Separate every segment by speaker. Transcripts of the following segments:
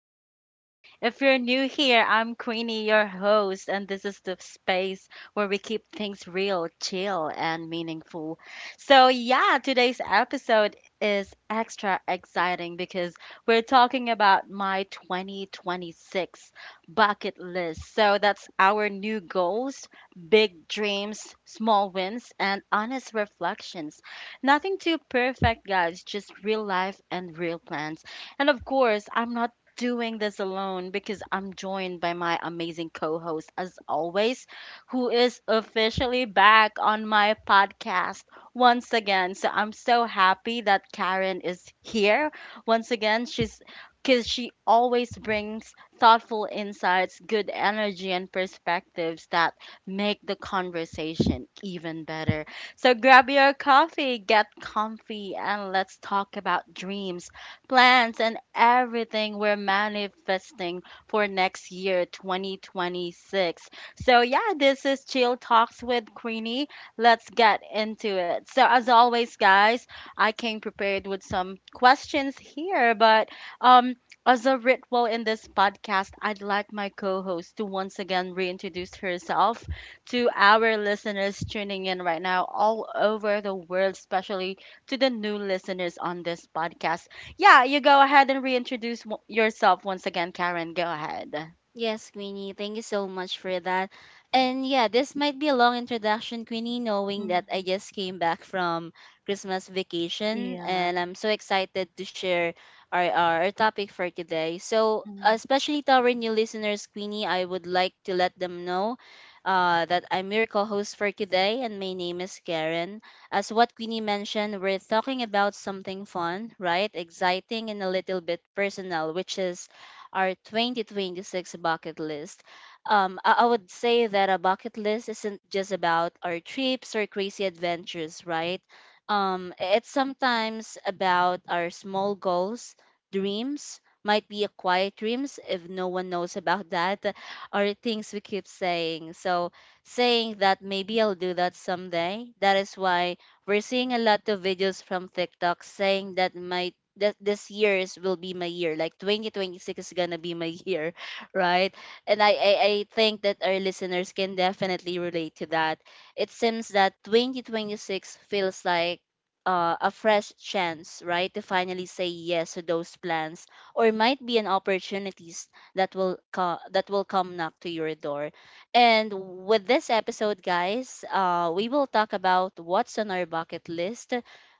Speaker 1: Queenie. If you're new here, I'm Queenie, your host, and this is the space where we keep things real, chill, and meaningful. So, yeah, today's episode is extra exciting because we're talking about my 2026 bucket list. So, that's our new goals, big dreams, small wins, and honest reflections. Nothing too perfect, guys, just real life and real plans. And of course, I'm not doing this alone because I'm joined by my amazing co host, as always, who is officially back on my podcast once again. So I'm so happy that Karen is here once again. She always brings thoughtful insights, good energy, and perspectives that make the conversation even better. So grab your coffee, get comfy, and let's talk about dreams, plans, and everything we're manifesting for next year, 2026. So, yeah, this is Chill Talks with Queenie. Let's get into it. So, as always, guys, I came prepared with some questions here, but um, as a ritual in this podcast, I'd like my co host to once again reintroduce herself to our listeners tuning in right now all over the world, especially to the new listeners on this podcast. Yeah, you go ahead and reintroduce yourself once again, Karen. Go ahead.
Speaker 2: Yes, Queenie, thank you so much for that. And yeah, this might be a long introduction, Queenie, knowing that I
Speaker 1: Mhm.
Speaker 2: just came back from Christmas vacation
Speaker 1: Yeah.
Speaker 2: and I'm so excited to share our topic for today. So,
Speaker 1: Mhm.
Speaker 2: especially to our new listeners, Queenie, I would like to let them know that I'm your co host for today and my name is Karen. As what Queenie mentioned, we're talking about something fun, right? Exciting and a little bit personal, which is our 2026 bucket list. I would say that a bucket list isn't just about our trips or crazy adventures, right? It's sometimes about our small goals, dreams, might be a quiet dreams if no one knows about that, or things we keep saying. So, saying that maybe I'll do that someday, that is why we're seeing a lot of videos from TikTok saying that might that this year is will be my year, like 2026 is gonna be my year, right? And I think that our listeners can definitely relate to that. It seems that 2026 feels like a fresh chance, right, to finally say yes to those plans or might be an opportunities that that will come knock to your door. And with this episode, guys, we will talk about what's on our bucket list,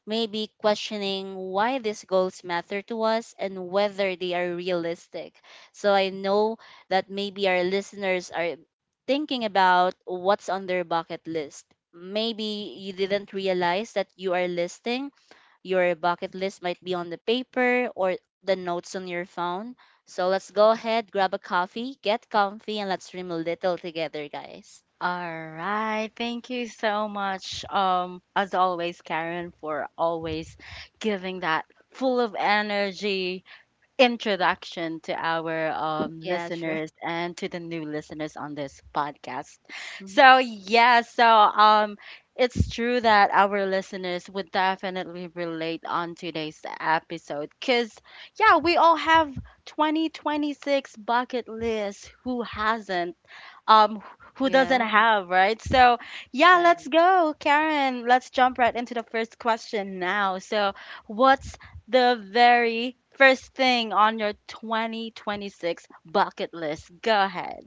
Speaker 2: maybe questioning why these goals matter to us and whether they are realistic. So I know that maybe our listeners are thinking about what's on their bucket list. Maybe you didn't realize that you are listing. Your bucket list might be on the paper or the notes on your phone. So let's go ahead, grab a coffee, get comfy, and let's dream a little together, guys.
Speaker 1: All right. Thank you so much, as always, Karen, for always giving that full of energy, introduction to our
Speaker 2: Yeah, sure.
Speaker 1: listeners and to the new listeners on this podcast.
Speaker 2: Mhm.
Speaker 1: So yeah, it's true that our listeners would definitely relate on today's episode because yeah, we all have 2026 bucket list. Who hasn't? um who doesn't
Speaker 2: Yeah,
Speaker 1: have, right? So, yeah, let's
Speaker 2: right.
Speaker 1: go, Karen. Let's jump right into the first question now. So, what's the very first thing on your 2026 bucket list? Go ahead.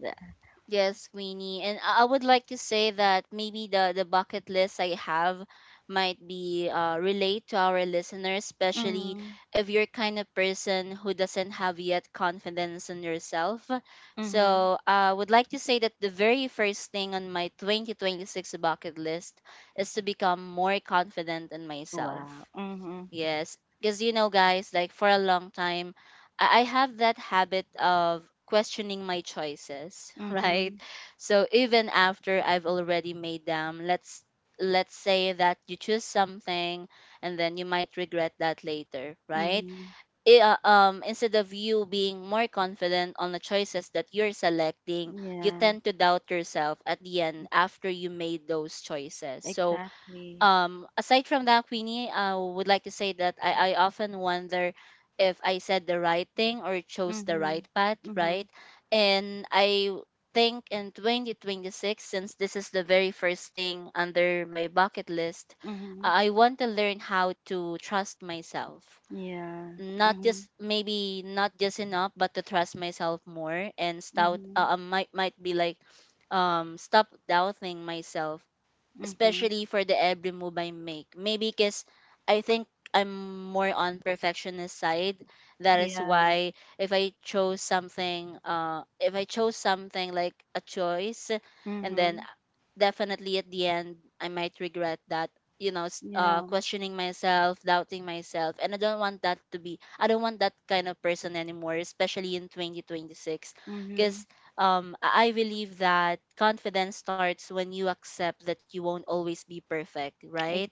Speaker 2: Yes, Queenie. And I would like to say that maybe the bucket list I have might be relate to our listeners, especially
Speaker 1: Mhm.
Speaker 2: if you're kind of person who doesn't have yet confidence in yourself.
Speaker 1: Mhm.
Speaker 2: So I would like to say that the very first thing on my 2026 bucket list is to become more confident in
Speaker 1: Wow.
Speaker 2: myself.
Speaker 1: Mhm.
Speaker 2: Yes, because you know, guys, like for a long time, I have that habit of questioning my choices, right?
Speaker 1: Mhm.
Speaker 2: So even after I've already made them, let's say that you choose something and then you might regret that later, right?
Speaker 1: Mhm.
Speaker 2: Instead of you being more confident on the choices that you're selecting, you
Speaker 1: Yeah,
Speaker 2: tend to doubt yourself at the end after you made those choices. So
Speaker 1: exactly.
Speaker 2: aside from that, Queenie, I would like to say that I often wonder if I said the right thing or chose the
Speaker 1: Mhm.
Speaker 2: right path,
Speaker 1: Mhm.
Speaker 2: right? And I think in 2026, since this is the very first thing under my bucket list,
Speaker 1: Mhm.
Speaker 2: I want to learn how to trust myself,
Speaker 1: Yeah.
Speaker 2: not
Speaker 1: Mhm.
Speaker 2: just, maybe, not just enough, but to trust myself more and stout,
Speaker 1: Mhm.
Speaker 2: might be like, stop doubting myself,
Speaker 1: Mhm.
Speaker 2: especially for the every move I make. Maybe because I think I'm more on perfectionist side. That is
Speaker 1: Yeah.
Speaker 2: why if I chose something like a choice, and then
Speaker 1: Mhm.
Speaker 2: definitely at the end I might regret that. You know,
Speaker 1: Yeah.
Speaker 2: questioning myself, doubting myself, and I don't want that to be. I don't want that kind of person anymore, especially in 2026, because
Speaker 1: Mhm.
Speaker 2: I believe that confidence starts when you accept that you won't always be perfect, right?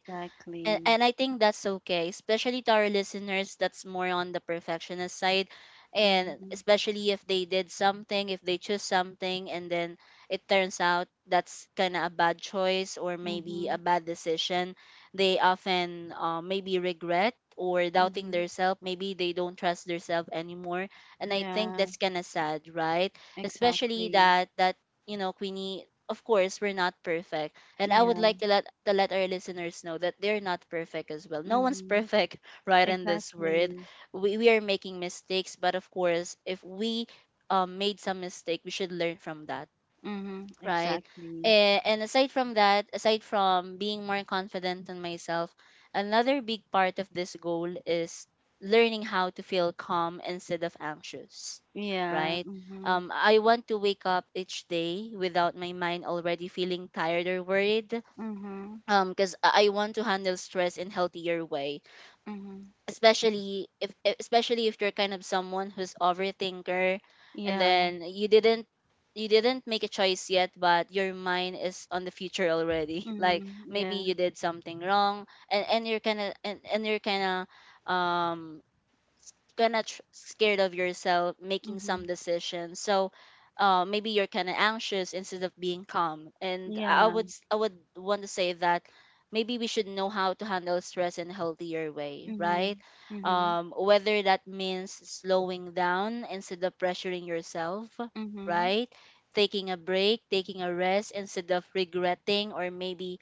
Speaker 2: and, and I think that's okay, especially to our listeners that's more on the perfectionist side. And
Speaker 1: Mm-hmm.
Speaker 2: especially if they did something, if they choose something, and then it turns out that's kind of a bad choice or maybe a
Speaker 1: Mm-hmm.
Speaker 2: bad decision, they often maybe regret or doubting
Speaker 1: Mm-hmm.
Speaker 2: themselves. Maybe they don't trust themselves anymore. And I think
Speaker 1: Yeah,
Speaker 2: that's kind of sad, right? Especially
Speaker 1: exactly.
Speaker 2: that you know, Queenie, of course, we're not perfect, and I would
Speaker 1: Yeah.
Speaker 2: like to let our listeners know that they're not perfect as well. No one's
Speaker 1: Mm-hmm.
Speaker 2: perfect, right? In this world,
Speaker 1: Exactly.
Speaker 2: we are making mistakes, but of course, if we made some mistake, we should learn from that,
Speaker 1: Mm-hmm.
Speaker 2: right?
Speaker 1: Exactly.
Speaker 2: And aside from that, aside from being more confident in myself, another big part of this goal is learning how to feel calm instead of anxious,
Speaker 1: Yeah.
Speaker 2: right?
Speaker 1: Mm-hmm.
Speaker 2: I want to wake up each day without my mind already feeling tired or worried,
Speaker 1: Mm-hmm.
Speaker 2: because I want to handle stress in healthier way,
Speaker 1: Mm-hmm.
Speaker 2: especially if e- especially if you're kind of someone who's overthinker and
Speaker 1: Yeah.
Speaker 2: then you didn't make a choice yet, but your mind is on the future already. Like
Speaker 1: Mm-hmm.
Speaker 2: maybe
Speaker 1: Yeah.
Speaker 2: you did something wrong and you're kind of um scared of yourself making
Speaker 1: Mm-hmm.
Speaker 2: some decisions. So maybe you're kind of anxious instead of being calm. And i I would
Speaker 1: Yeah.
Speaker 2: s- i would want to say that maybe we should know how to handle stress in a healthier way, right?
Speaker 1: Mm-hmm. Mm-hmm.
Speaker 2: Whether that means slowing down instead of pressuring yourself,
Speaker 1: Mm-hmm.
Speaker 2: right, taking a break, taking a rest, instead of regretting or maybe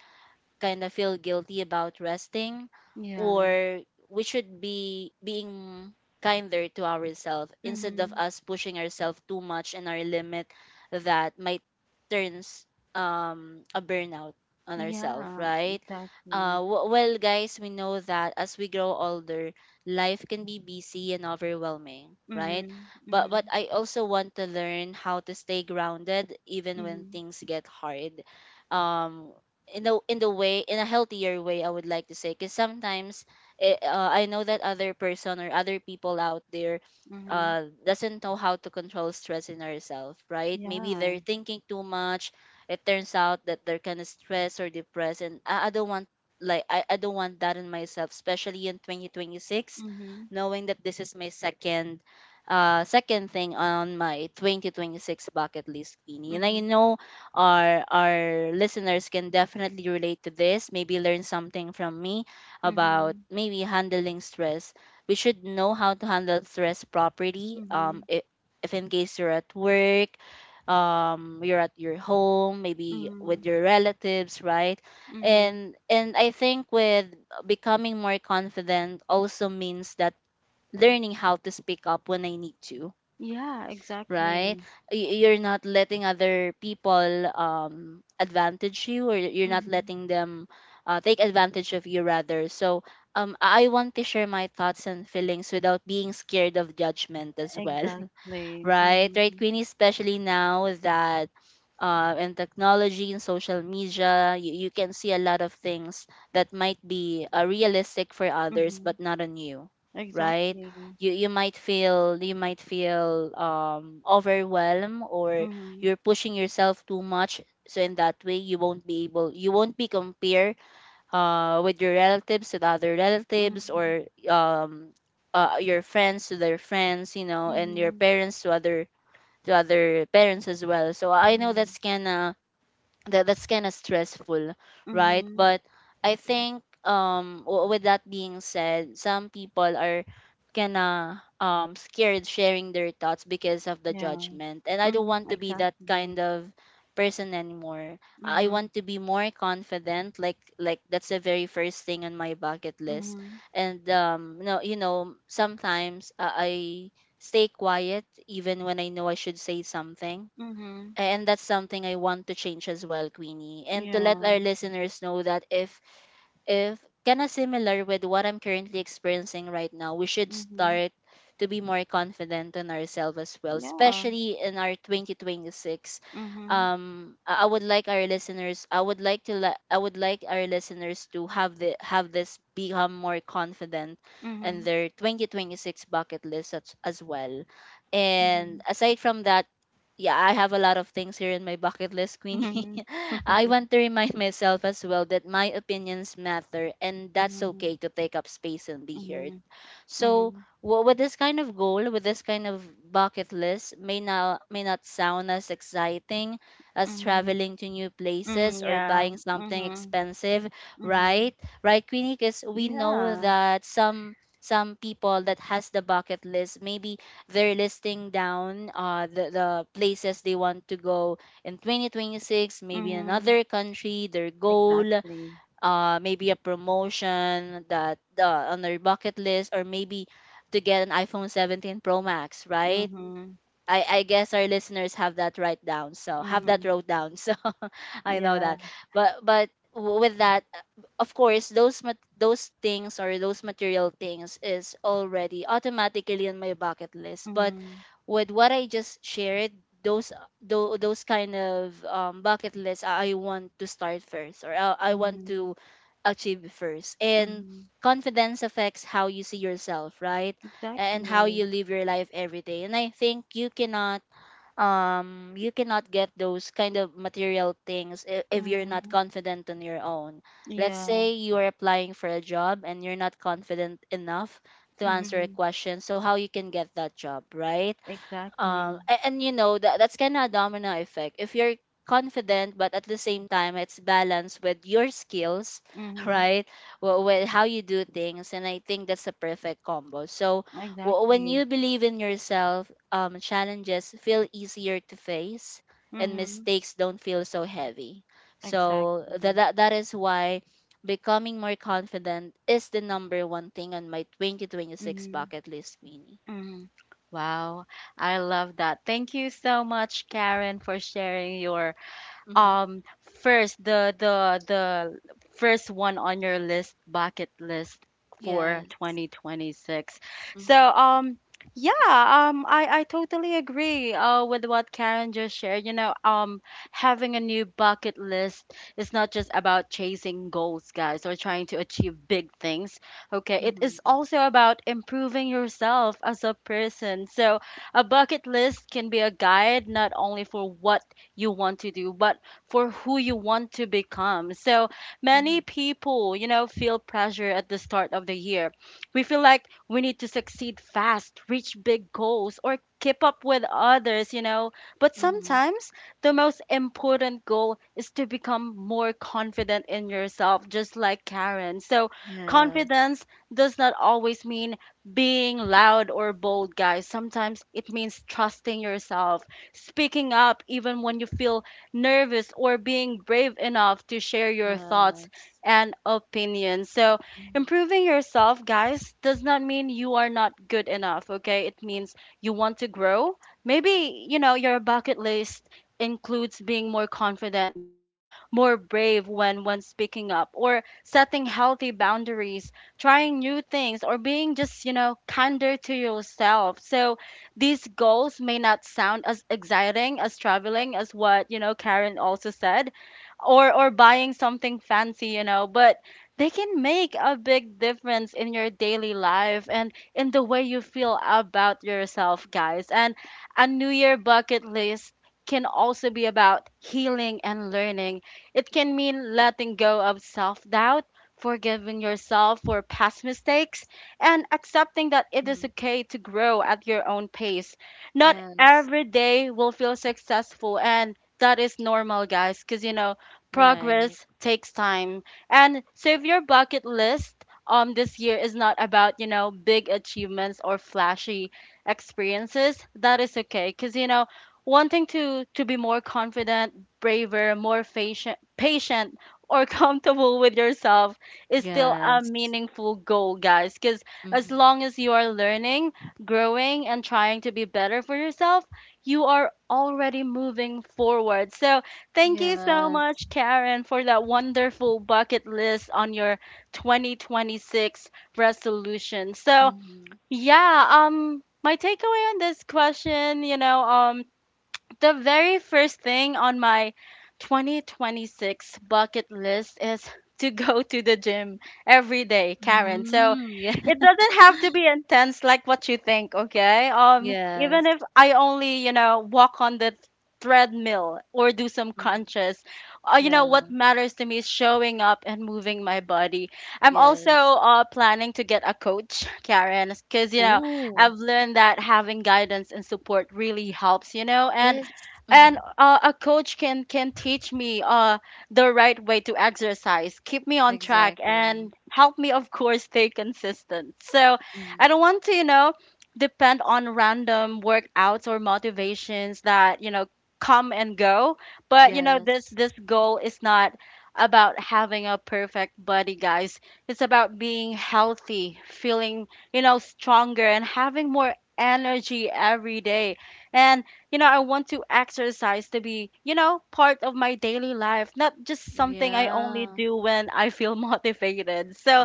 Speaker 2: kind of feel guilty about resting,
Speaker 1: Yeah.
Speaker 2: or we should be being kinder to ourselves instead
Speaker 1: Mm-hmm.
Speaker 2: of us pushing ourselves too much in our limit, that might turns a burnout on ourselves,
Speaker 1: Yeah.
Speaker 2: right?
Speaker 1: Exactly.
Speaker 2: Well guys, we know that as we grow older, life can be busy and overwhelming, right?
Speaker 1: Mm-hmm.
Speaker 2: but
Speaker 1: Mm-hmm.
Speaker 2: but I also want to learn how to stay grounded even when
Speaker 1: Mm-hmm.
Speaker 2: things get hard, um in the way, in a healthier way, I would like to say, because sometimes I know that other person or other people out there
Speaker 1: Mm-hmm.
Speaker 2: doesn't know how to control stress in ourselves, right? Maybe
Speaker 1: Yeah.
Speaker 2: they're thinking too much, it turns out that they're kind of stressed or depressed. And I don't want, like I don't want that in myself, especially in 2026,
Speaker 1: Mm-hmm.
Speaker 2: knowing that this is my second second thing on my 2026 bucket list, Queenie. And I
Speaker 1: Mm-hmm.
Speaker 2: know our listeners can definitely relate to this, maybe learn something from me about
Speaker 1: Mm-hmm.
Speaker 2: maybe handling stress. We should know how to handle stress properly,
Speaker 1: Mm-hmm.
Speaker 2: if in case you're at work, you're at your home maybe
Speaker 1: Mm-hmm.
Speaker 2: with your relatives, right?
Speaker 1: Mhm.
Speaker 2: And I think with becoming more confident also means that learning how to speak up when I need to,
Speaker 1: Yeah,
Speaker 2: right?
Speaker 1: exactly.
Speaker 2: You're not letting other people advantage you, or you're not
Speaker 1: Mhm.
Speaker 2: letting them take advantage of you, rather. So I want to share my thoughts and feelings without being scared of judgment as well.
Speaker 1: Exactly.
Speaker 2: Right? Right,
Speaker 1: Mhm.
Speaker 2: Queenie, especially now that in technology and social media, you can see a lot of things that might be realistic for others, but
Speaker 1: Mhm.
Speaker 2: not on you, right?
Speaker 1: Exactly.
Speaker 2: You might feel, you might feel, overwhelmed or
Speaker 1: Mhm.
Speaker 2: you're pushing yourself too much. So in that way, you won't be compared, with your relatives to the other relatives,
Speaker 1: Mhm.
Speaker 2: or your friends to their friends, you know, and your
Speaker 1: Mhm.
Speaker 2: parents to other, to other parents as well. So I know that's
Speaker 1: Yeah.
Speaker 2: kind of, that's kind of stressful, right?
Speaker 1: Mhm.
Speaker 2: But I think with that being said, some people are kinda scared sharing their thoughts because of the
Speaker 1: Yeah.
Speaker 2: judgment, and I don't want
Speaker 1: Mhm.
Speaker 2: to be that
Speaker 1: Exactly.
Speaker 2: kind of person anymore. I
Speaker 1: Mhm.
Speaker 2: want to be more confident, like that's the very first thing on my bucket list.
Speaker 1: Mhm.
Speaker 2: And no you know, sometimes I stay quiet even when I know I should say something,
Speaker 1: Mhm.
Speaker 2: and that's something I want to change as well, Queenie. And to let our
Speaker 1: Yeah.
Speaker 2: listeners know that if kind of similar with what I'm currently experiencing right now, we should
Speaker 1: Mhm.
Speaker 2: start to be more confident in ourselves as well,
Speaker 1: Yeah.
Speaker 2: especially in our 2026.
Speaker 1: Mhm.
Speaker 2: I would like our listeners. I would like our listeners to have this become more confident in
Speaker 1: Mhm.
Speaker 2: their 2026 bucket list as well. And
Speaker 1: Mhm.
Speaker 2: aside from that, yeah, I have a lot of things here in my bucket list, Queenie.
Speaker 1: Mhm.
Speaker 2: I want to remind myself as well that my opinions matter and that's
Speaker 1: Mhm.
Speaker 2: okay to take up space and be heard.
Speaker 1: Mhm.
Speaker 2: So,
Speaker 1: Mhm.
Speaker 2: with this kind of goal, with this kind of bucket list, may not sound as exciting as
Speaker 1: Mhm.
Speaker 2: traveling to new
Speaker 1: Mm,
Speaker 2: places or
Speaker 1: yeah.
Speaker 2: buying something
Speaker 1: Mhm.
Speaker 2: expensive, right?
Speaker 1: Mhm.
Speaker 2: Right, Queenie, because we know
Speaker 1: Yeah.
Speaker 2: that some people that has the bucket list maybe they're listing down the places they want to go in 2026, maybe
Speaker 1: Mhm.
Speaker 2: another country their goal.
Speaker 1: Exactly.
Speaker 2: Maybe a promotion that on their bucket list, or maybe to get an iphone 17 pro max, right?
Speaker 1: Mhm.
Speaker 2: I guess our listeners have that right down, so have that
Speaker 1: Mhm.
Speaker 2: wrote down so I know
Speaker 1: Yeah.
Speaker 2: that. But with that, of course, those things or those material things is already automatically on my bucket list. But
Speaker 1: Mhm.
Speaker 2: with what I just shared, those those kind of bucket lists, I want to start first, or I want
Speaker 1: Mhm.
Speaker 2: to achieve first. And
Speaker 1: Mhm.
Speaker 2: confidence affects how you see yourself, right? And how you
Speaker 1: Exactly.
Speaker 2: live your life every day. And I think you cannot get those kind of material things if you're not
Speaker 1: Mhm.
Speaker 2: confident on your own. Let's
Speaker 1: Yeah.
Speaker 2: say you are applying for a job and you're not confident enough to answer a
Speaker 1: Mhm.
Speaker 2: question, so how you can get that job, right?
Speaker 1: Exactly.
Speaker 2: And, you know that that's kind of a domino effect. If you're confident but at the same time it's balanced with your skills,
Speaker 1: Mhm.
Speaker 2: right, well, with how you do things, and I think that's a perfect combo. So when
Speaker 1: Exactly.
Speaker 2: you believe in yourself, challenges feel easier to face and
Speaker 1: Mhm.
Speaker 2: mistakes don't feel so heavy. So that
Speaker 1: Exactly.
Speaker 2: that, that is why becoming more confident is the number one thing on my 2026
Speaker 1: Mhm.
Speaker 2: bucket list mini.
Speaker 1: Mhm. Wow. I love that. Thank you so much, Karen, for sharing your
Speaker 2: Hmm.
Speaker 1: um first the first one on your list bucket list for
Speaker 2: Yes.
Speaker 1: 2026. so
Speaker 2: Mhm,
Speaker 1: um yeah um i i totally agree with what Karen just shared. Having a new bucket list is not just about chasing goals, guys, or trying to achieve big things. Okay, it
Speaker 2: mhm,
Speaker 1: is also about improving yourself as a person. So a bucket list can be a guide not only for what you want to do, but for who you want to become. So many
Speaker 2: mhm,
Speaker 1: people, you know, feel pressure at the start of the year. We feel like we need to succeed fast, reach big goals, or keep up with others, you know. But
Speaker 2: mhm.
Speaker 1: sometimes the most important goal is to become more confident in yourself, just like Karen. So
Speaker 2: Yes,
Speaker 1: confidence does not always mean being loud or bold, guys. Sometimes it means trusting yourself, speaking up even when you feel nervous, or being brave enough to share your thoughts
Speaker 2: yes.
Speaker 1: and opinions. So,
Speaker 2: Mhm,
Speaker 1: improving yourself, guys, does not mean you are not good enough, okay? It means you want to grow. Maybe, you know, your bucket list includes being more confident, being more brave when speaking up, or setting healthy boundaries, trying new things, or being just, you know, kinder to yourself. So, these goals may not sound as exciting as traveling, as what, you know, Karen also said, or buying something fancy, you know, but they can make a big difference in your daily life and in the way you feel about yourself, guys. And a new year bucket list can also be about healing and learning. It can mean letting go of self doubt, forgiving yourself for past mistakes, and accepting that it is
Speaker 2: mhm.
Speaker 1: okay to grow at your own pace. Not
Speaker 2: Yes,
Speaker 1: every day will feel successful, and that is normal, guys, because you know,
Speaker 2: right.
Speaker 1: progress takes time. And so, if your bucket list this year is not about, you know, big achievements or flashy experiences, that is okay, because you know, wanting to be more confident, braver, more patient, or comfortable with yourself is still a
Speaker 2: Yes.
Speaker 1: meaningful goal, guys, because as
Speaker 2: Mhm.
Speaker 1: long as you are learning, growing, and trying to be better for yourself, you are already moving forward. So, thank you so
Speaker 2: Yes.
Speaker 1: much, Karen, for that wonderful bucket list on your 2026 resolution. So,
Speaker 2: Mhm.
Speaker 1: yeah, my takeaway on this question, you know, the very first thing on my 2026 bucket list is to go to the gym every day, Karen. So
Speaker 2: Mm, yeah.
Speaker 1: it doesn't have to be intense like what you think, okay? Even
Speaker 2: Yes.
Speaker 1: if I only, you know, walk on the treadmill or do some
Speaker 2: Mm,
Speaker 1: crunches, you know, what
Speaker 2: yeah.
Speaker 1: matters to me is showing up and moving my body. I'm also
Speaker 2: Yes.
Speaker 1: planning to get a coach, Karen, because, you know,
Speaker 2: Oh,
Speaker 1: I've learned that having guidance and support really helps, you know.
Speaker 2: yes. Mm-hmm.
Speaker 1: And A coach can teach me the right way to exercise, keep me on track, and
Speaker 2: Exactly.
Speaker 1: help me, of course, stay consistent. So I
Speaker 2: Mm-hmm.
Speaker 1: don't want to, you know, depend on random workouts or motivations that, you know, come and go. But you know,
Speaker 2: Yes.
Speaker 1: this goal is not about having a perfect body, guys. It's about being healthy, feeling, you know, stronger, and having more energy every day. And you know, I want to exercise to be, you know, part of my daily life, not just something I only
Speaker 2: Yeah.
Speaker 1: do when I feel motivated. So,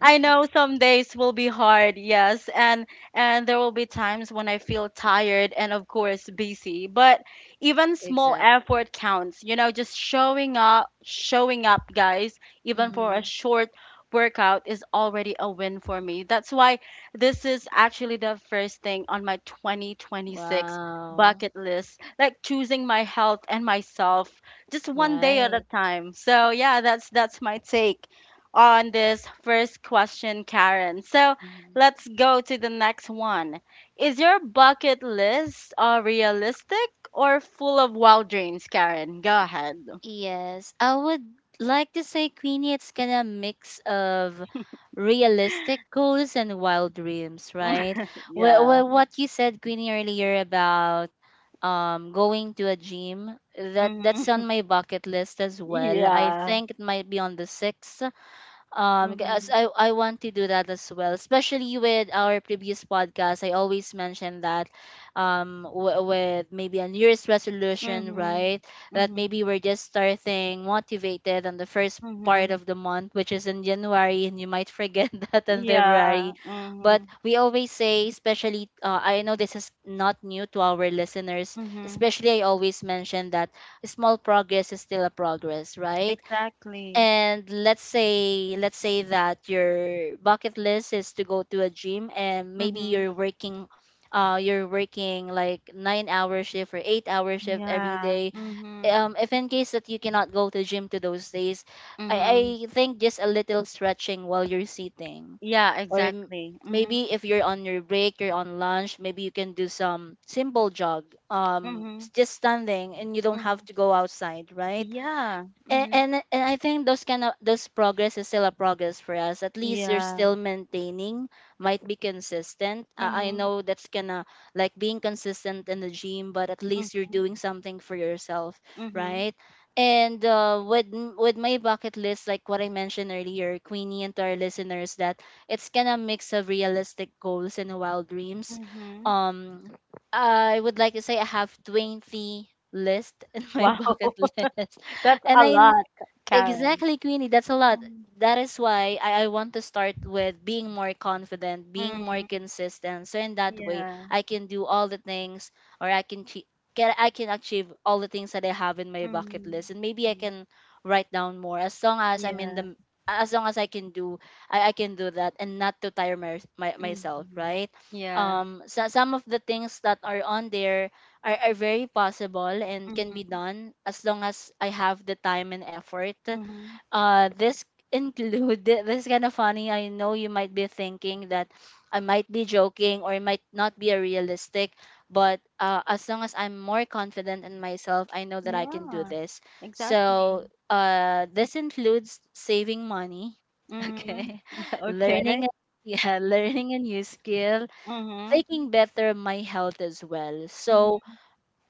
Speaker 1: I know some days will be hard, yes, and there will be times when I feel tired and of course busy, but even small
Speaker 2: Exactly.
Speaker 1: effort counts. You know, just showing up, guys, even for a
Speaker 2: Mm-hmm.
Speaker 1: short workout is already a win for me. That's why this is actually the first thing on my 2026
Speaker 2: Wow.
Speaker 1: bucket list, like choosing my health and myself just one day at a
Speaker 2: Right.
Speaker 1: time. So, yeah, that's my take on this first question, Karen. So
Speaker 2: Mhm.
Speaker 1: let's go to the next one. Is your bucket list realistic or full of wild dreams, Karen? Go ahead.
Speaker 2: Yes, I would like to say, Queenie, it's kind of mix of realistic goals and wild dreams, right? Well,
Speaker 1: Yeah.
Speaker 2: well, what you said, Queenie, earlier about going to a gym, that that's
Speaker 1: Mm-hmm.
Speaker 2: on my bucket list as well. I
Speaker 1: Yeah.
Speaker 2: think it might be on the sixth,
Speaker 1: Mm-hmm.
Speaker 2: because I want to do that as well, especially with our previous podcast I always mention that with maybe a new year's resolution,
Speaker 1: Mm-hmm.
Speaker 2: right? That
Speaker 1: Mm-hmm.
Speaker 2: maybe we're just starting motivated on the first part
Speaker 1: Mm-hmm.
Speaker 2: of the month, which is in january, and you might forget that in
Speaker 1: Yeah.
Speaker 2: february. But
Speaker 1: Mm-hmm.
Speaker 2: we always say, especially I know this is not new to our listeners,
Speaker 1: Mm-hmm.
Speaker 2: especially I always mention that small progress is still a progress, right?
Speaker 1: Exactly.
Speaker 2: And let's say, let's say that your bucket list is to go to a gym, and maybe
Speaker 1: Mm-hmm.
Speaker 2: you're working like 9 hour shift or 8 hour shift every
Speaker 1: Yeah.
Speaker 2: day.
Speaker 1: Mm-hmm.
Speaker 2: If in case that you cannot go to gym to those days,
Speaker 1: Mm-hmm.
Speaker 2: i think just a little stretching while you're sitting,
Speaker 1: Yeah,
Speaker 2: or
Speaker 1: exactly. Mm-hmm.
Speaker 2: maybe if you're on your break, you're on lunch, maybe you can do some simple jog,
Speaker 1: Mm-hmm.
Speaker 2: just standing, and you don't
Speaker 1: Mm-hmm.
Speaker 2: have to go outside, right?
Speaker 1: Yeah.
Speaker 2: and,
Speaker 1: Mm-hmm.
Speaker 2: and and I think those kind of those progress is still a progress for us. At least you're
Speaker 1: Yeah.
Speaker 2: still maintaining, might be consistent. I
Speaker 1: Mhm.
Speaker 2: know that's gonna like being consistent in the gym, but at least you're
Speaker 1: Mhm.
Speaker 2: doing something for yourself,
Speaker 1: Mhm.
Speaker 2: right? And with my bucket list, like what I mentioned earlier, Queenie, and to our listeners, that it's gonna mix of realistic goals and wild dreams.
Speaker 1: Mhm.
Speaker 2: Um, I would like to say I have 20 list in my
Speaker 1: Wow.
Speaker 2: bucket list,
Speaker 1: That's
Speaker 2: and
Speaker 1: a
Speaker 2: I.
Speaker 1: lot, Karen.
Speaker 2: Exactly, Queenie. That's a lot.
Speaker 1: Mm.
Speaker 2: That is why I want to start with being more confident, being more
Speaker 1: Mm.
Speaker 2: consistent. So in that way,
Speaker 1: Yeah.
Speaker 2: I can do all the things, or I can chi- can I can achieve all the things that I have in my bucket
Speaker 1: Mm.
Speaker 2: list, and maybe I
Speaker 1: Mm.
Speaker 2: can write down more as long as I'm in
Speaker 1: Yeah.
Speaker 2: the, as long as I can do, I can do that and not to tire my myself,
Speaker 1: Mhm.
Speaker 2: right?
Speaker 1: Yeah.
Speaker 2: So some of the things that are on there are very possible and can be
Speaker 1: Mhm.
Speaker 2: done as long as I have the time and effort.
Speaker 1: Mhm.
Speaker 2: This include this is kind of funny. I know you might be thinking that I might be joking or it might not be a realistic, but as long as I'm more confident in myself, I know that I can do
Speaker 1: Yeah.
Speaker 2: this.
Speaker 1: Exactly.
Speaker 2: So this includes saving money.
Speaker 1: Mhm.
Speaker 2: Okay, learning
Speaker 1: Okay.
Speaker 2: a- yeah, learning a new skill,
Speaker 1: Mhm.
Speaker 2: taking better of my health as well. So
Speaker 1: Mhm.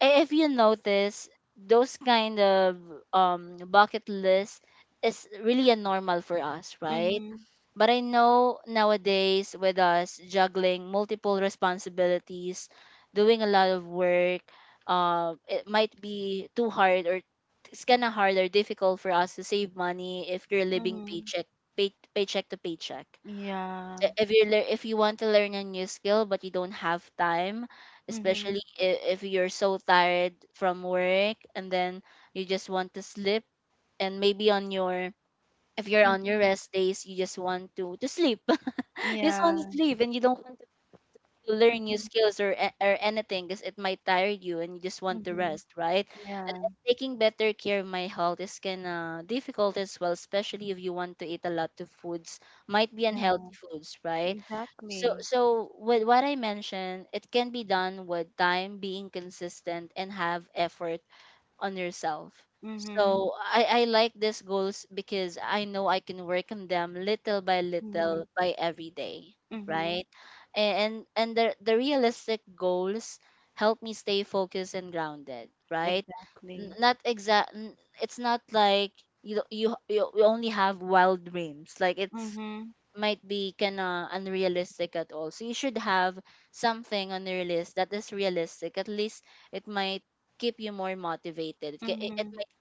Speaker 2: if you notice those kind of bucket list is really a normal for us, right?
Speaker 1: Mhm.
Speaker 2: But I know nowadays, with us juggling multiple responsibilities, doing a lot of work, it might be too hard, or it's kind of hard or difficult for us to save money if you're living
Speaker 1: Mhm.
Speaker 2: paycheck, paycheck to paycheck.
Speaker 1: Yeah.
Speaker 2: If you want to learn a new skill but you don't have time,
Speaker 1: Mhm.
Speaker 2: especially if you're so tired from work and then you just want to sleep. And maybe on your, if you're on your
Speaker 1: Mhm.
Speaker 2: rest days, you just want to sleep. You just want to
Speaker 1: Yeah.
Speaker 2: sleep and you don't want to learn new
Speaker 1: Mhm.
Speaker 2: skills, or anything, because it might tire you and you just want to
Speaker 1: Mhm.
Speaker 2: rest, right? And,
Speaker 1: Yeah.
Speaker 2: and taking better care of my health is kind of difficult as well, especially if you want to eat a lot of foods, might be
Speaker 1: Yeah.
Speaker 2: unhealthy foods, right? So
Speaker 1: Exactly.
Speaker 2: so with what I mentioned, it can be done with time, being consistent, and have effort on yourself.
Speaker 1: Mhm.
Speaker 2: So I like these goals because I know I can work on them little by
Speaker 1: Mhm.
Speaker 2: little by every day,
Speaker 1: Mm-hmm.
Speaker 2: right? And the realistic goals help me stay focused and grounded, right? N-
Speaker 1: Exactly.
Speaker 2: Not exact. It's not like you you only have wild dreams. Like it's
Speaker 1: Mm-hmm.
Speaker 2: might be kinda unrealistic at all. So you should have something on your list that is realistic. At least it might keep you more motivated. It, it it
Speaker 1: Mm-hmm.
Speaker 2: might,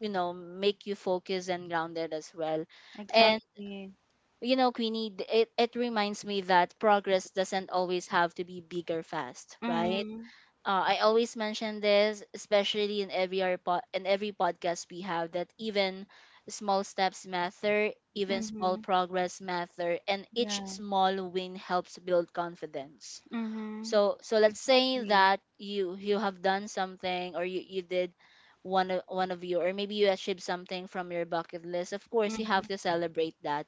Speaker 2: you know, make you focused and grounded as well. And
Speaker 1: Exactly.
Speaker 2: you know, Queenie, it reminds me that progress doesn't always have to be big or fast, right?
Speaker 1: Mm-hmm.
Speaker 2: I always mention this, especially in in every podcast we have, that even small steps matter, even small
Speaker 1: Mm-hmm.
Speaker 2: progress matter, and each
Speaker 1: Yeah.
Speaker 2: small win helps build confidence.
Speaker 1: Mm-hmm.
Speaker 2: So let's say
Speaker 1: Exactly.
Speaker 2: that you have done something, or you did one of you, or maybe you achieved something from your bucket list. Of course, you
Speaker 1: Mm-hmm.
Speaker 2: have to celebrate that.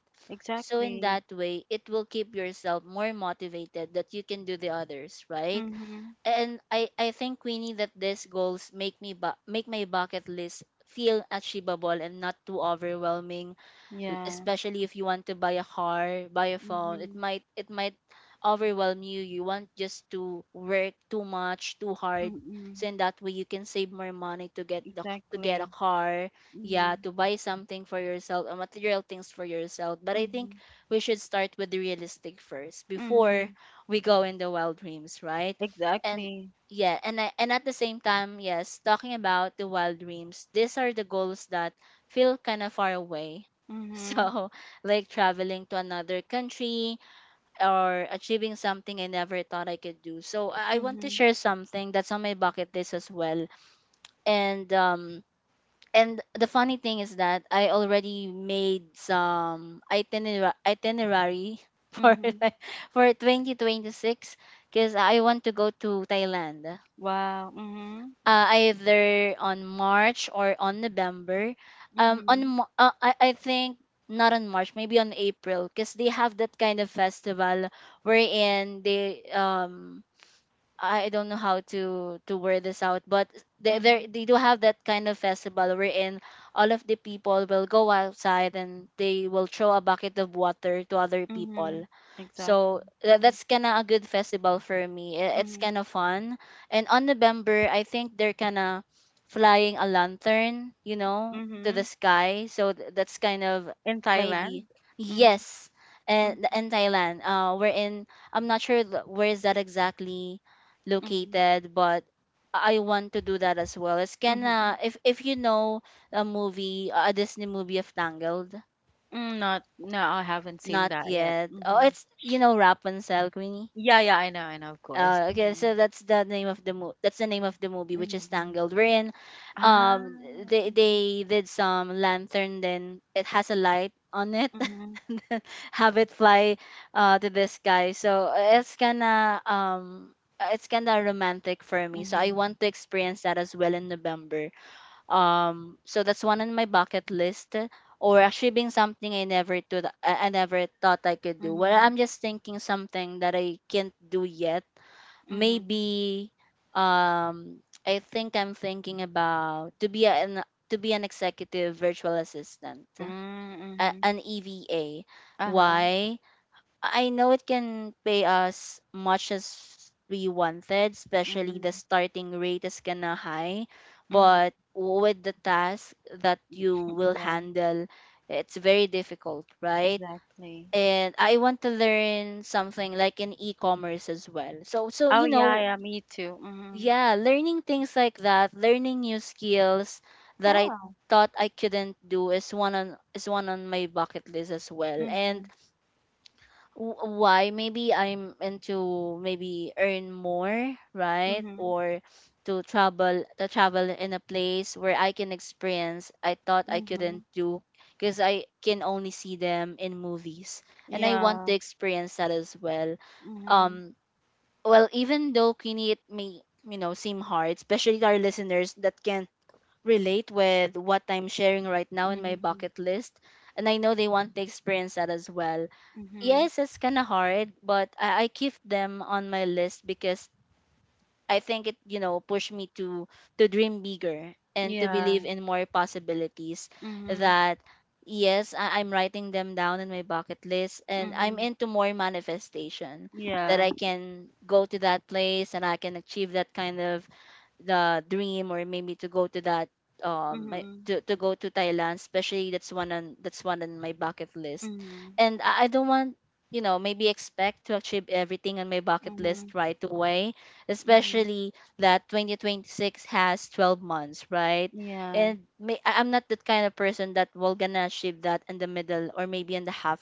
Speaker 2: So in
Speaker 1: Exactly.
Speaker 2: that way, it will keep yourself more motivated that you can do the others, right?
Speaker 1: Mm-hmm.
Speaker 2: And I think, Queenie, that these goals make make my bucket list feel achievable and not too overwhelming,
Speaker 1: Yeah.
Speaker 2: especially if you want to buy a car, buy a phone,
Speaker 1: Mm-hmm.
Speaker 2: it might overwhelm you. You want just to work too much too hard.
Speaker 1: Mm-hmm.
Speaker 2: So in that way, you can save more money to get the, to get a
Speaker 1: Exactly.
Speaker 2: car, yeah,
Speaker 1: Mm-hmm.
Speaker 2: to buy something for yourself or material things for yourself. But I think
Speaker 1: Mm-hmm.
Speaker 2: we should start with the realistic first before
Speaker 1: Mm-hmm.
Speaker 2: we go in the wild dreams, right? And
Speaker 1: Exactly.
Speaker 2: yeah, and at the same time, yes, talking about the wild dreams, these are the goals that feel kind of far away,
Speaker 1: Mm-hmm.
Speaker 2: so like traveling to another country or achieving something I never thought I could do. So, I want to
Speaker 1: Mm-hmm.
Speaker 2: share something that's on my bucket list as well. And um and the funny thing is that I already made some itinerary for
Speaker 1: Mm-hmm.
Speaker 2: like, for 2026, because I want to go to Thailand,
Speaker 1: Wow. Mm-hmm.
Speaker 2: either on March or on November. Um, on
Speaker 1: Mm-hmm.
Speaker 2: Mo- uh, I, I think not on March, maybe on April, because they have that kind of festival wherein they I don't know how to word this out, but
Speaker 1: Mm-hmm.
Speaker 2: they do have that kind of festival wherein all of the people will go outside and they will throw a bucket of water to other
Speaker 1: Mm-hmm.
Speaker 2: people. So
Speaker 1: Exactly. Mm-hmm.
Speaker 2: that's kind of a good festival for me. It's kind
Speaker 1: Mm-hmm.
Speaker 2: of fun. And on November, I think they're kind of flying a lantern, you know, to the
Speaker 1: Mm-hmm.
Speaker 2: sky. So that's kind of
Speaker 1: In
Speaker 2: maybe,
Speaker 1: Thailand. Mm-hmm.
Speaker 2: yes.
Speaker 1: Mhm,
Speaker 2: And in Thailand, we're in. I'm not sure where is that exactly
Speaker 1: mhm,
Speaker 2: located, but I want to do that as well. It's kinda,
Speaker 1: mhm.
Speaker 2: if you know a movie, a Disney movie of Tangled,
Speaker 1: Mm, not, no, I haven't seen
Speaker 2: not
Speaker 1: that yet.
Speaker 2: yet. Oh,
Speaker 1: Hmm.
Speaker 2: it's, you know, Rapunzel, Queenie.
Speaker 1: Yeah, yeah, I know, of course.
Speaker 2: Okay,
Speaker 1: Hmm.
Speaker 2: so that's the name of the mo- that's the name of the movie, which is
Speaker 1: Hmm.
Speaker 2: Tangled. Wherein,
Speaker 1: Ah, hmm.
Speaker 2: they did some lantern, then it has a light on it,
Speaker 1: Hmm.
Speaker 2: and then have it fly, to the sky. So it's kinda romantic for me. So I
Speaker 1: Hmm.
Speaker 2: want to experience that as well in November. So that's one on my bucket list, or actually being something I never thought I could do. Well, I'm
Speaker 1: Hmm.
Speaker 2: just thinking something that I can't do yet
Speaker 1: Hmm.
Speaker 2: maybe. um I think I'm thinking about to be an executive virtual assistant,
Speaker 1: Mm-hmm.
Speaker 2: an EVA.
Speaker 1: Uh-huh.
Speaker 2: Why? I know it can pay us much as we wanted, especially the
Speaker 1: Hmm.
Speaker 2: starting rate is kinda high, but
Speaker 1: Hmm.
Speaker 2: with the task that you will
Speaker 1: Yeah,
Speaker 2: handle, it's very difficult, right?
Speaker 1: exactly.
Speaker 2: And I want to learn something like in e-commerce as well. So so
Speaker 1: Oh,
Speaker 2: you
Speaker 1: yeah,
Speaker 2: know
Speaker 1: yeah, me too. Hmm.
Speaker 2: yeah, learning things like that, learning new skills that I
Speaker 1: Yeah.
Speaker 2: thought I couldn't do is one on my bucket list as well.
Speaker 1: Hmm.
Speaker 2: And why? Maybe I'm into, maybe earn more, right?
Speaker 1: Hmm.
Speaker 2: Or to travel, in a place where I can experience I thought I
Speaker 1: Hmm.
Speaker 2: couldn't do, because I can only see them in movies, and I want to
Speaker 1: Yeah.
Speaker 2: experience that as well.
Speaker 1: Hmm.
Speaker 2: um well, even though, Queenie, it may, seem hard, especially to our listeners that can relate with what I'm sharing right now in my
Speaker 1: Hmm.
Speaker 2: bucket list, and I know they want to experience that as well.
Speaker 1: Hmm.
Speaker 2: Yes, it's kind of hard, but I keep them on my list because I think it pushed me to dream bigger and to believe
Speaker 1: Yeah.
Speaker 2: in more possibilities.
Speaker 1: Hmm. Hmm.
Speaker 2: That Yes, I'm writing them down in my bucket list and I'm into more manifestation that
Speaker 1: Yeah.
Speaker 2: I can go to that place and I can achieve that kind of the dream, or maybe to go to
Speaker 1: Mm-hmm.
Speaker 2: go to Thailand, especially. That's one on that's one on my bucket list.
Speaker 1: Mm-hmm.
Speaker 2: And I don't want, maybe, expect to achieve everything on my bucket list
Speaker 1: Mhm,
Speaker 2: right away,
Speaker 1: mhm.
Speaker 2: especially that 2026 has 12 months, right?
Speaker 1: Yeah.
Speaker 2: And I'm not that kind of person that will gonna achieve that in the middle, or maybe in the half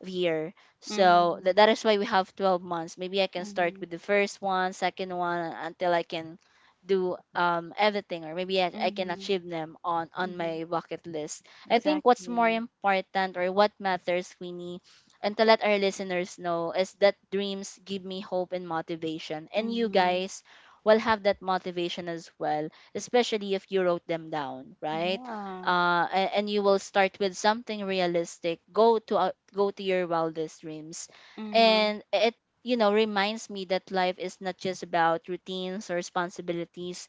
Speaker 2: of year. So
Speaker 1: Mhm,
Speaker 2: that is why we have 12 months. Maybe I can start
Speaker 1: mhm,
Speaker 2: with the first one, second one, until I can do everything, or maybe I can
Speaker 1: mhm,
Speaker 2: achieve them on
Speaker 1: mhm.
Speaker 2: my bucket list. I think what's more
Speaker 1: Exactly.
Speaker 2: important, or what matters, Queenie, and to let our listeners know, is that dreams give me hope and motivation. And you
Speaker 1: Mhm.
Speaker 2: guys will have that motivation as well, especially if you wrote them down, right?
Speaker 1: Yeah.
Speaker 2: And you will start with something realistic. Go to your wildest dreams,
Speaker 1: Mhm,
Speaker 2: and you know, reminds me that life is not just about routines or responsibilities.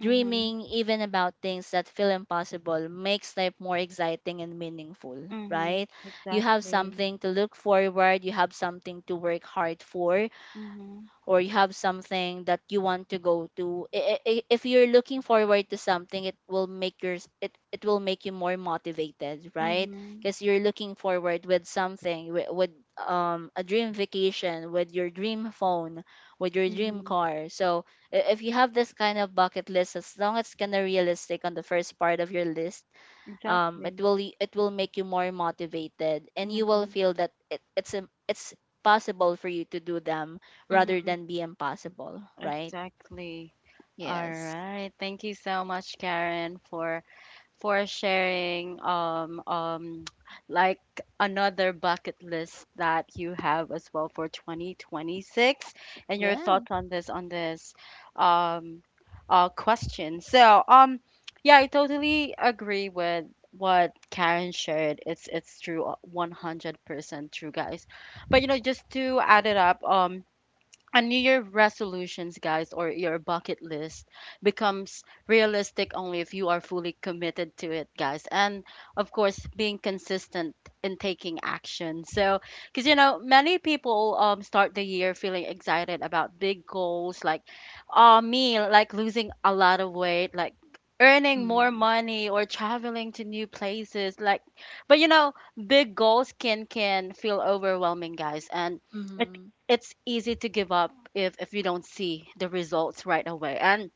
Speaker 1: mhm,
Speaker 2: even about things that feel impossible, makes life more exciting and meaningful,
Speaker 1: mhm.
Speaker 2: right? You have
Speaker 1: Exactly.
Speaker 2: something to look forward, you have something to work hard for,
Speaker 1: Mhm,
Speaker 2: or you have something that you want to go to. If you're looking forward to something, it will make you more motivated, right?
Speaker 1: mhm,
Speaker 2: Because you're looking forward with something, with a dream vacation, with your dream phone, with your dream
Speaker 1: mhm.
Speaker 2: car. So if you have this kind of bucket list, as long as it's kind of realistic on the first part of your list, it
Speaker 1: Exactly.
Speaker 2: will it will make you more motivated, and you will
Speaker 1: Mhm,
Speaker 2: feel that it, it's a it's possible for you to do them, rather
Speaker 1: mhm.
Speaker 2: than be impossible, right?
Speaker 1: Exactly. All
Speaker 2: Yes.
Speaker 1: right. Thank you so much, Karen, for sharing like another bucket list that you have as well for 2026 and your
Speaker 2: Yeah.
Speaker 1: thoughts on this um question. So yeah, I totally agree with what Karen shared. It's true 100% true, guys. But you know, just to add it up, a new year resolutions, guys, or your bucket list, becomes realistic only if you are fully committed to it, guys, and of course being consistent in taking action. So because you know, many people start the year feeling excited about big goals, like me, like losing a lot of weight, like earning more
Speaker 2: Mm-hmm.
Speaker 1: money, or traveling to new places, like, but you know, big goals can feel overwhelming, guys, and it it's easy to give up if you don't see the results right away. And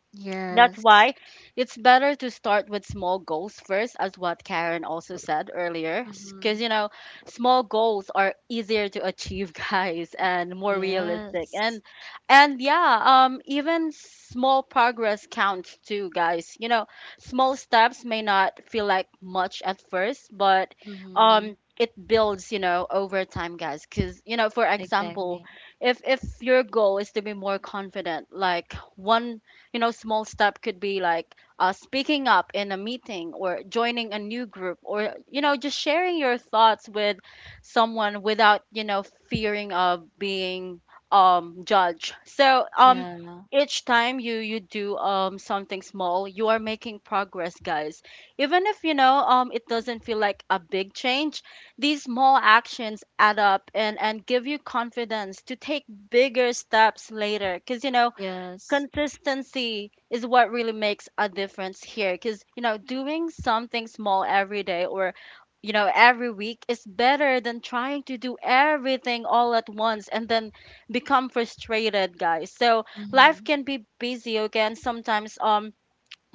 Speaker 1: that's
Speaker 2: Yes.
Speaker 1: why it's better to start with small goals first, as what Karen also said earlier. Because,
Speaker 2: Mm-hmm.
Speaker 1: you know, small goals are easier to achieve, guys, and more realistic.
Speaker 2: Yes.
Speaker 1: And yeah, even small progress counts too, guys. Small steps may not feel like much at first, but,
Speaker 2: Mm-hmm.
Speaker 1: it builds, over time, guys. Because, you know, for example,
Speaker 2: Exactly.
Speaker 1: if your goal is to be more confident, like one small step could be like speaking up in a meeting or joining a new group or just sharing your thoughts with someone without fearing of being judged. So
Speaker 2: Yeah.
Speaker 1: each time you do something small, you are making progress, guys, even if it doesn't feel like a big change. These small actions add up and give you confidence to take bigger steps later. Because, you know,
Speaker 2: Yes.
Speaker 1: consistency is what really makes a difference here, because you know doing something small every day or, you know, every week is better than trying to do everything all at once and then become frustrated, guys. So life
Speaker 2: Mm-hmm.
Speaker 1: can be busy again sometimes.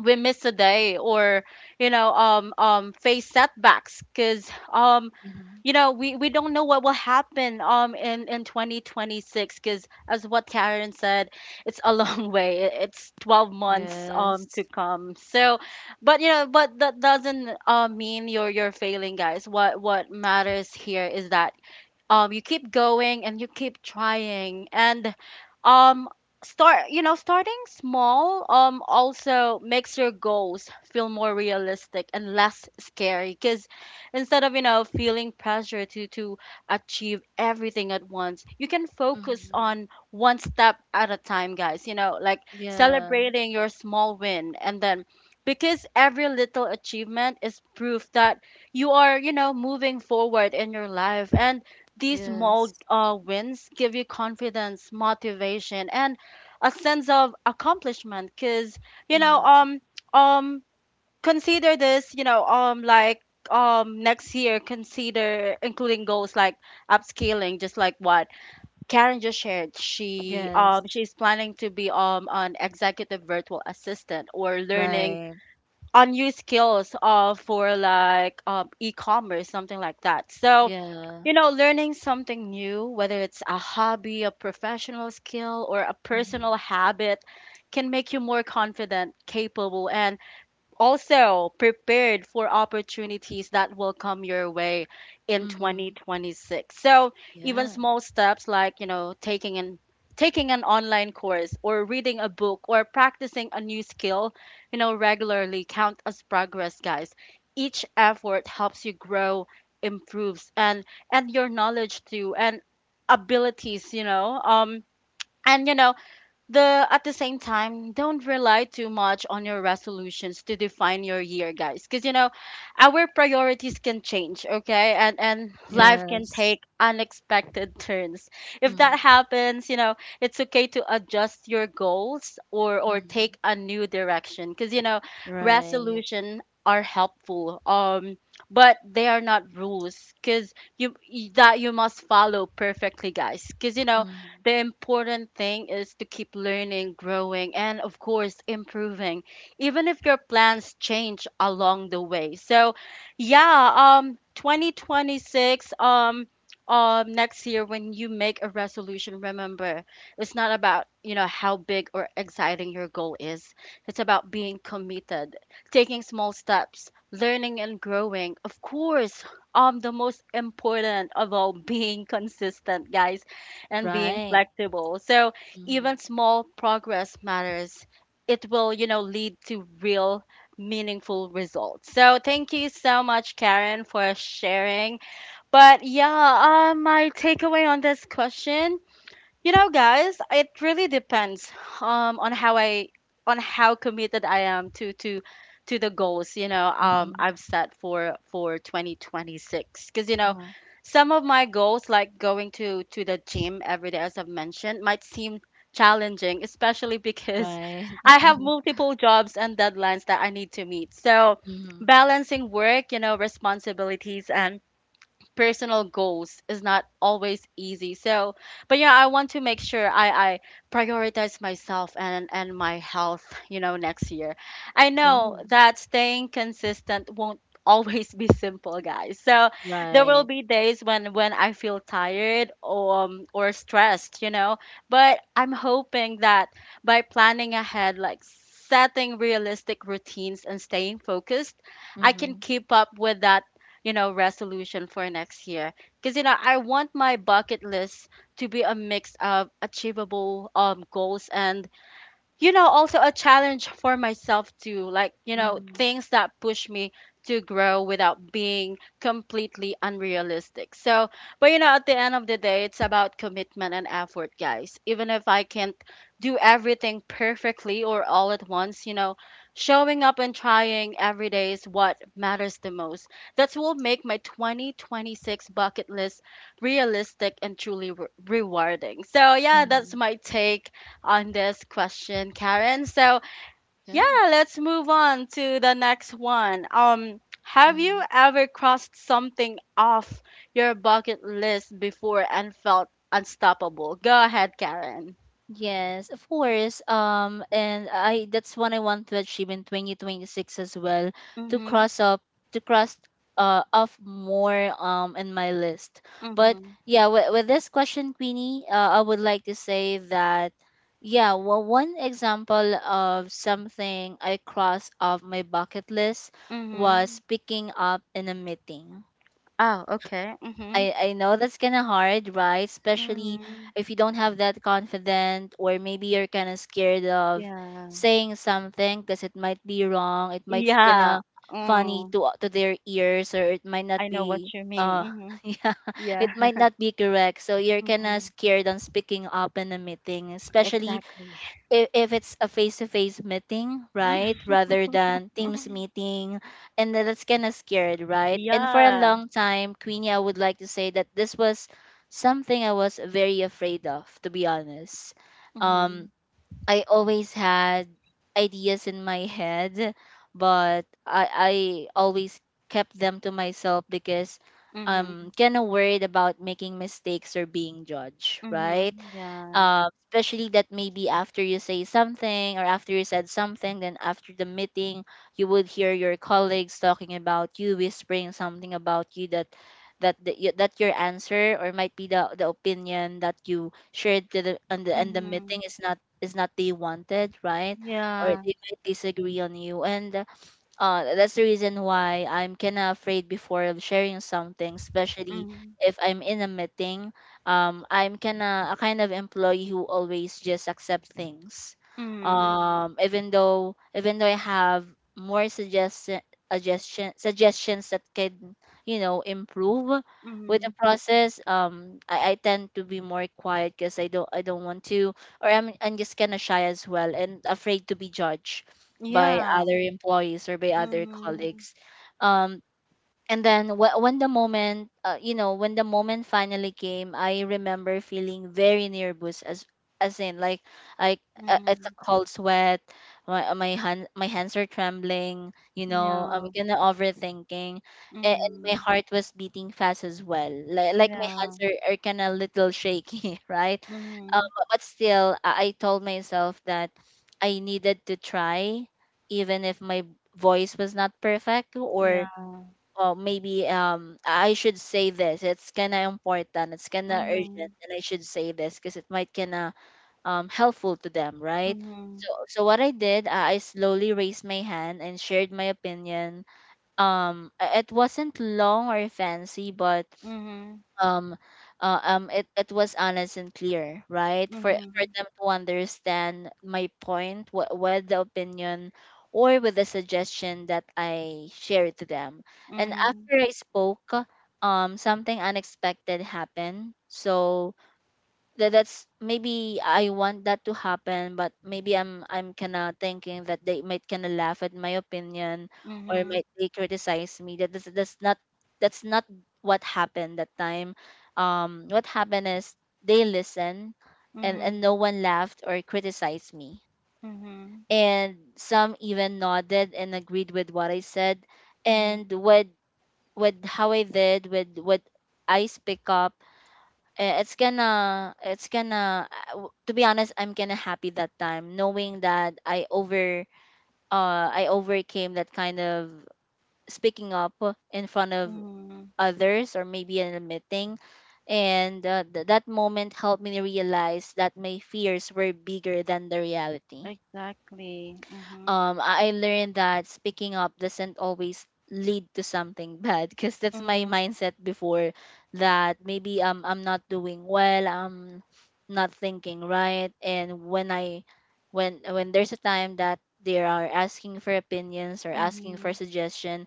Speaker 1: We miss a day, or face setbacks, because
Speaker 2: Mm-hmm.
Speaker 1: we don't know what will happen in 2026 because, as what Karen said, it's a long way. It's 12 months
Speaker 2: Yes.
Speaker 1: to come. So but, you know, but that doesn't mean you're failing, guys. What matters here is that you keep going and you keep trying. And um starting small also makes your goals feel more realistic and less scary, because instead of, you know, feeling pressure to achieve everything at once, you can focus
Speaker 2: Mm-hmm.
Speaker 1: on one step at a time, guys, you know, like
Speaker 2: Yeah.
Speaker 1: celebrating your small win. And then, because every little achievement is proof that you are, you know, moving forward in your life. And these
Speaker 2: Yes.
Speaker 1: small wins give you confidence, motivation, and a sense of accomplishment. Because you know,
Speaker 2: Mm-hmm.
Speaker 1: um, consider this, you know, like next year consider including goals like upscaling, just like what Karen just shared. She
Speaker 2: Yes.
Speaker 1: she's planning to be an executive virtual assistant, or learning
Speaker 2: Right.
Speaker 1: on new skills for like e-commerce, something like that. So
Speaker 2: Yeah.
Speaker 1: you know, learning something new, whether it's a hobby, a professional skill, or a personal
Speaker 2: Mm-hmm.
Speaker 1: habit, can make you more confident, capable, and also prepared for opportunities that will come your way in
Speaker 2: Mhm.
Speaker 1: 2026. So, even
Speaker 2: Yeah.
Speaker 1: small steps like, you know, taking an online course or reading a book or practicing a new skill, you know, regularly, count as progress, guys. Each effort helps you grow, improves, and your knowledge too, and abilities, you know. And you know the At the same time, don't rely too much on your resolutions to define your year, guys, because you know our priorities can change, okay, and life can
Speaker 2: Yes.
Speaker 1: take unexpected turns. If that
Speaker 2: Mhm.
Speaker 1: happens, you know it's okay to adjust your goals, or take
Speaker 2: Mhm.
Speaker 1: a new direction, because you know
Speaker 2: Right.
Speaker 1: resolution are helpful, but they are not rules because you that you must follow perfectly, guys, because you know
Speaker 2: Mhm.
Speaker 1: the important thing is to keep learning, growing, and of course improving, even if your plans change along the way. So, yeah, 2026, next year when you make a resolution, remember it's not about, you know, how big or exciting your goal is. It's about being committed, taking small steps, learning and growing. Of course, the most important of all, being consistent, guys, and being
Speaker 2: Right.
Speaker 1: flexible. So
Speaker 2: Mhm.
Speaker 1: even small progress matters. It will, you know, lead to real, meaningful results. So thank you so much, Karen, for sharing. But yeah, my takeaway on this question, you know, guys, it really depends on how I on how committed I am to the goals, you know,
Speaker 2: Mhm.
Speaker 1: I've set for 2026 cuz you know,
Speaker 2: Uh-huh.
Speaker 1: some of my goals, like going to the gym every day as I've mentioned, might seem challenging, especially because
Speaker 2: Right.
Speaker 1: I have multiple jobs and deadlines that I need to meet. So
Speaker 2: Mhm.
Speaker 1: balancing work, you know, responsibilities and personal goals is not always easy. So, but yeah, I want to make sure I prioritize myself and my health, you know, next year. I know
Speaker 2: Oh.
Speaker 1: that staying consistent won't always be simple, guys. So there will
Speaker 2: Right.
Speaker 1: be days when I feel tired, or stressed, you know, but I'm hoping that by planning ahead, like setting realistic routines and staying focused, I can
Speaker 2: Mhm.
Speaker 1: keep up with that, you know, resolution for next year. Because, you know, I want my bucket list to be a mix of achievable goals and, you know, also a challenge for myself too, like, you know,
Speaker 2: Mhm.
Speaker 1: things that push me to grow without being completely unrealistic. So, but you know, at the end of the day, it's about commitment and effort, guys. Even if I can't do everything perfectly or all at once, you know, showing up and trying every day is what matters the most. That's what will make my 2026 bucket list realistic and truly rewarding. So yeah, that's
Speaker 2: Mhm.
Speaker 1: my take on this question, Karen. So yeah,
Speaker 2: Yeah.
Speaker 1: let's move on to the next one. Have you
Speaker 2: Mhm.
Speaker 1: ever crossed something off your bucket list before and felt unstoppable? Go ahead, Karen.
Speaker 2: Yes, of course. And I that's what I want to achieve in 2026 as well, to
Speaker 1: Mm-hmm.
Speaker 2: cross up to cross off more in my list. But
Speaker 1: Mm-hmm.
Speaker 2: yeah, with this question, Queenie, I would like to say that yeah, well, one example of something I crossed off my bucket list
Speaker 1: Mm-hmm.
Speaker 2: was picking up in a meeting.
Speaker 1: Oh, okay. Mm-hmm.
Speaker 2: I know that's kind of hard, right? Especially
Speaker 1: Mm-hmm.
Speaker 2: if you don't have that confident, or maybe you're kind of scared of
Speaker 1: Yeah.
Speaker 2: saying something because it might be wrong, it might kind
Speaker 1: Yeah.
Speaker 2: of funny
Speaker 1: Mm.
Speaker 2: to their ears, or it might not
Speaker 1: I know what
Speaker 2: be
Speaker 1: you mean.
Speaker 2: uh
Speaker 1: Mm-hmm.
Speaker 2: yeah,
Speaker 1: Yeah.
Speaker 2: it might not be correct. So you're kind of
Speaker 1: Mm-hmm.
Speaker 2: scared on speaking up in a meeting, especially
Speaker 1: Exactly.
Speaker 2: if it's a face-to-face meeting, right, rather than teams meeting. And then that's kind of scared, right? And for a
Speaker 1: Yeah.
Speaker 2: long time, Queenie, I would like to say that this was something I was very afraid of, to be honest. um
Speaker 1: Mm-hmm.
Speaker 2: I always had ideas in my head, but I always kept them to myself because I'm kind of worried about making mistakes or being judged, right?
Speaker 1: Mhm. Yeah.
Speaker 2: Especially that maybe after you say something, or after you said something, then after the meeting, you would hear your colleagues talking about you, whispering something about you that that your answer, or might be the opinion that you shared to the, and the
Speaker 1: Mhm.
Speaker 2: meeting, is not, they wanted, right? Or
Speaker 1: Yeah.
Speaker 2: they might disagree on you. And that's the reason why I'm kind of afraid before of sharing something, especially
Speaker 1: Mhm.
Speaker 2: if I'm in a meeting. I'm kind of a kind of employee who always just accept things.
Speaker 1: Mhm.
Speaker 2: Even though, I have more suggestion, suggestions that can, improve with the
Speaker 1: Mhm.
Speaker 2: process, I tend to be more quiet because I don't want to, or I'm just kind of shy as well, and afraid to be judged by
Speaker 1: Yeah.
Speaker 2: other employees or by other
Speaker 1: Mhm.
Speaker 2: colleagues. um, and then when the moment, when the moment finally came, I remember feeling very nervous, as in like I it's
Speaker 1: Mhm.
Speaker 2: a cold sweat, my my hands are trembling, you know, I'm
Speaker 1: Yeah.
Speaker 2: kind of overthinking. And my
Speaker 1: Mhm.
Speaker 2: heart was beating fast as well, like, my
Speaker 1: Yeah.
Speaker 2: hands are kind of little shaky right? um,
Speaker 1: Mhm.
Speaker 2: but still, I told myself that I needed to try, even if my voice was not perfect. Or,
Speaker 1: Yeah.
Speaker 2: oh, maybe I should say this. It's kinda important. It's kinda urgent,
Speaker 1: Mhm.
Speaker 2: and I should say this because it might kinda helpful to them, right? So
Speaker 1: Mhm.
Speaker 2: so what I did, I slowly raised my hand and shared my opinion. It wasn't long or fancy, but
Speaker 1: Mhm.
Speaker 2: um it was honest and clear, right, for
Speaker 1: Mhm.
Speaker 2: them to understand my point, with the opinion or with the suggestion that I shared to them. And
Speaker 1: Mhm.
Speaker 2: after I spoke, something unexpected happened. So that's maybe I want that to happen, but maybe I'm kinda thinking that they might kinda laugh at my opinion, or
Speaker 1: Mhm.
Speaker 2: might they criticize me. That's not, that's not what happened that time. What happened is they listen, and no
Speaker 1: Mhm.
Speaker 2: one laughed or criticized me,
Speaker 1: Mhm.
Speaker 2: and some even nodded and agreed with what I said, and
Speaker 1: Mhm.
Speaker 2: with how I did with what I speak up. To be honest, I'm kinda happy that time, knowing that I overcame that kind of speaking up in front of
Speaker 1: Mhm.
Speaker 2: others, or maybe in a meeting. And that moment helped me realize that my fears were bigger than the reality.
Speaker 1: Exactly. Mhm.
Speaker 2: I learned that speaking up doesn't always lead to something bad, because that's my
Speaker 1: Mhm.
Speaker 2: mindset before, that maybe I'm not doing well, I'm not thinking right. And when I when there's a time that they are asking for opinions, or asking for
Speaker 1: Mhm.
Speaker 2: suggestion,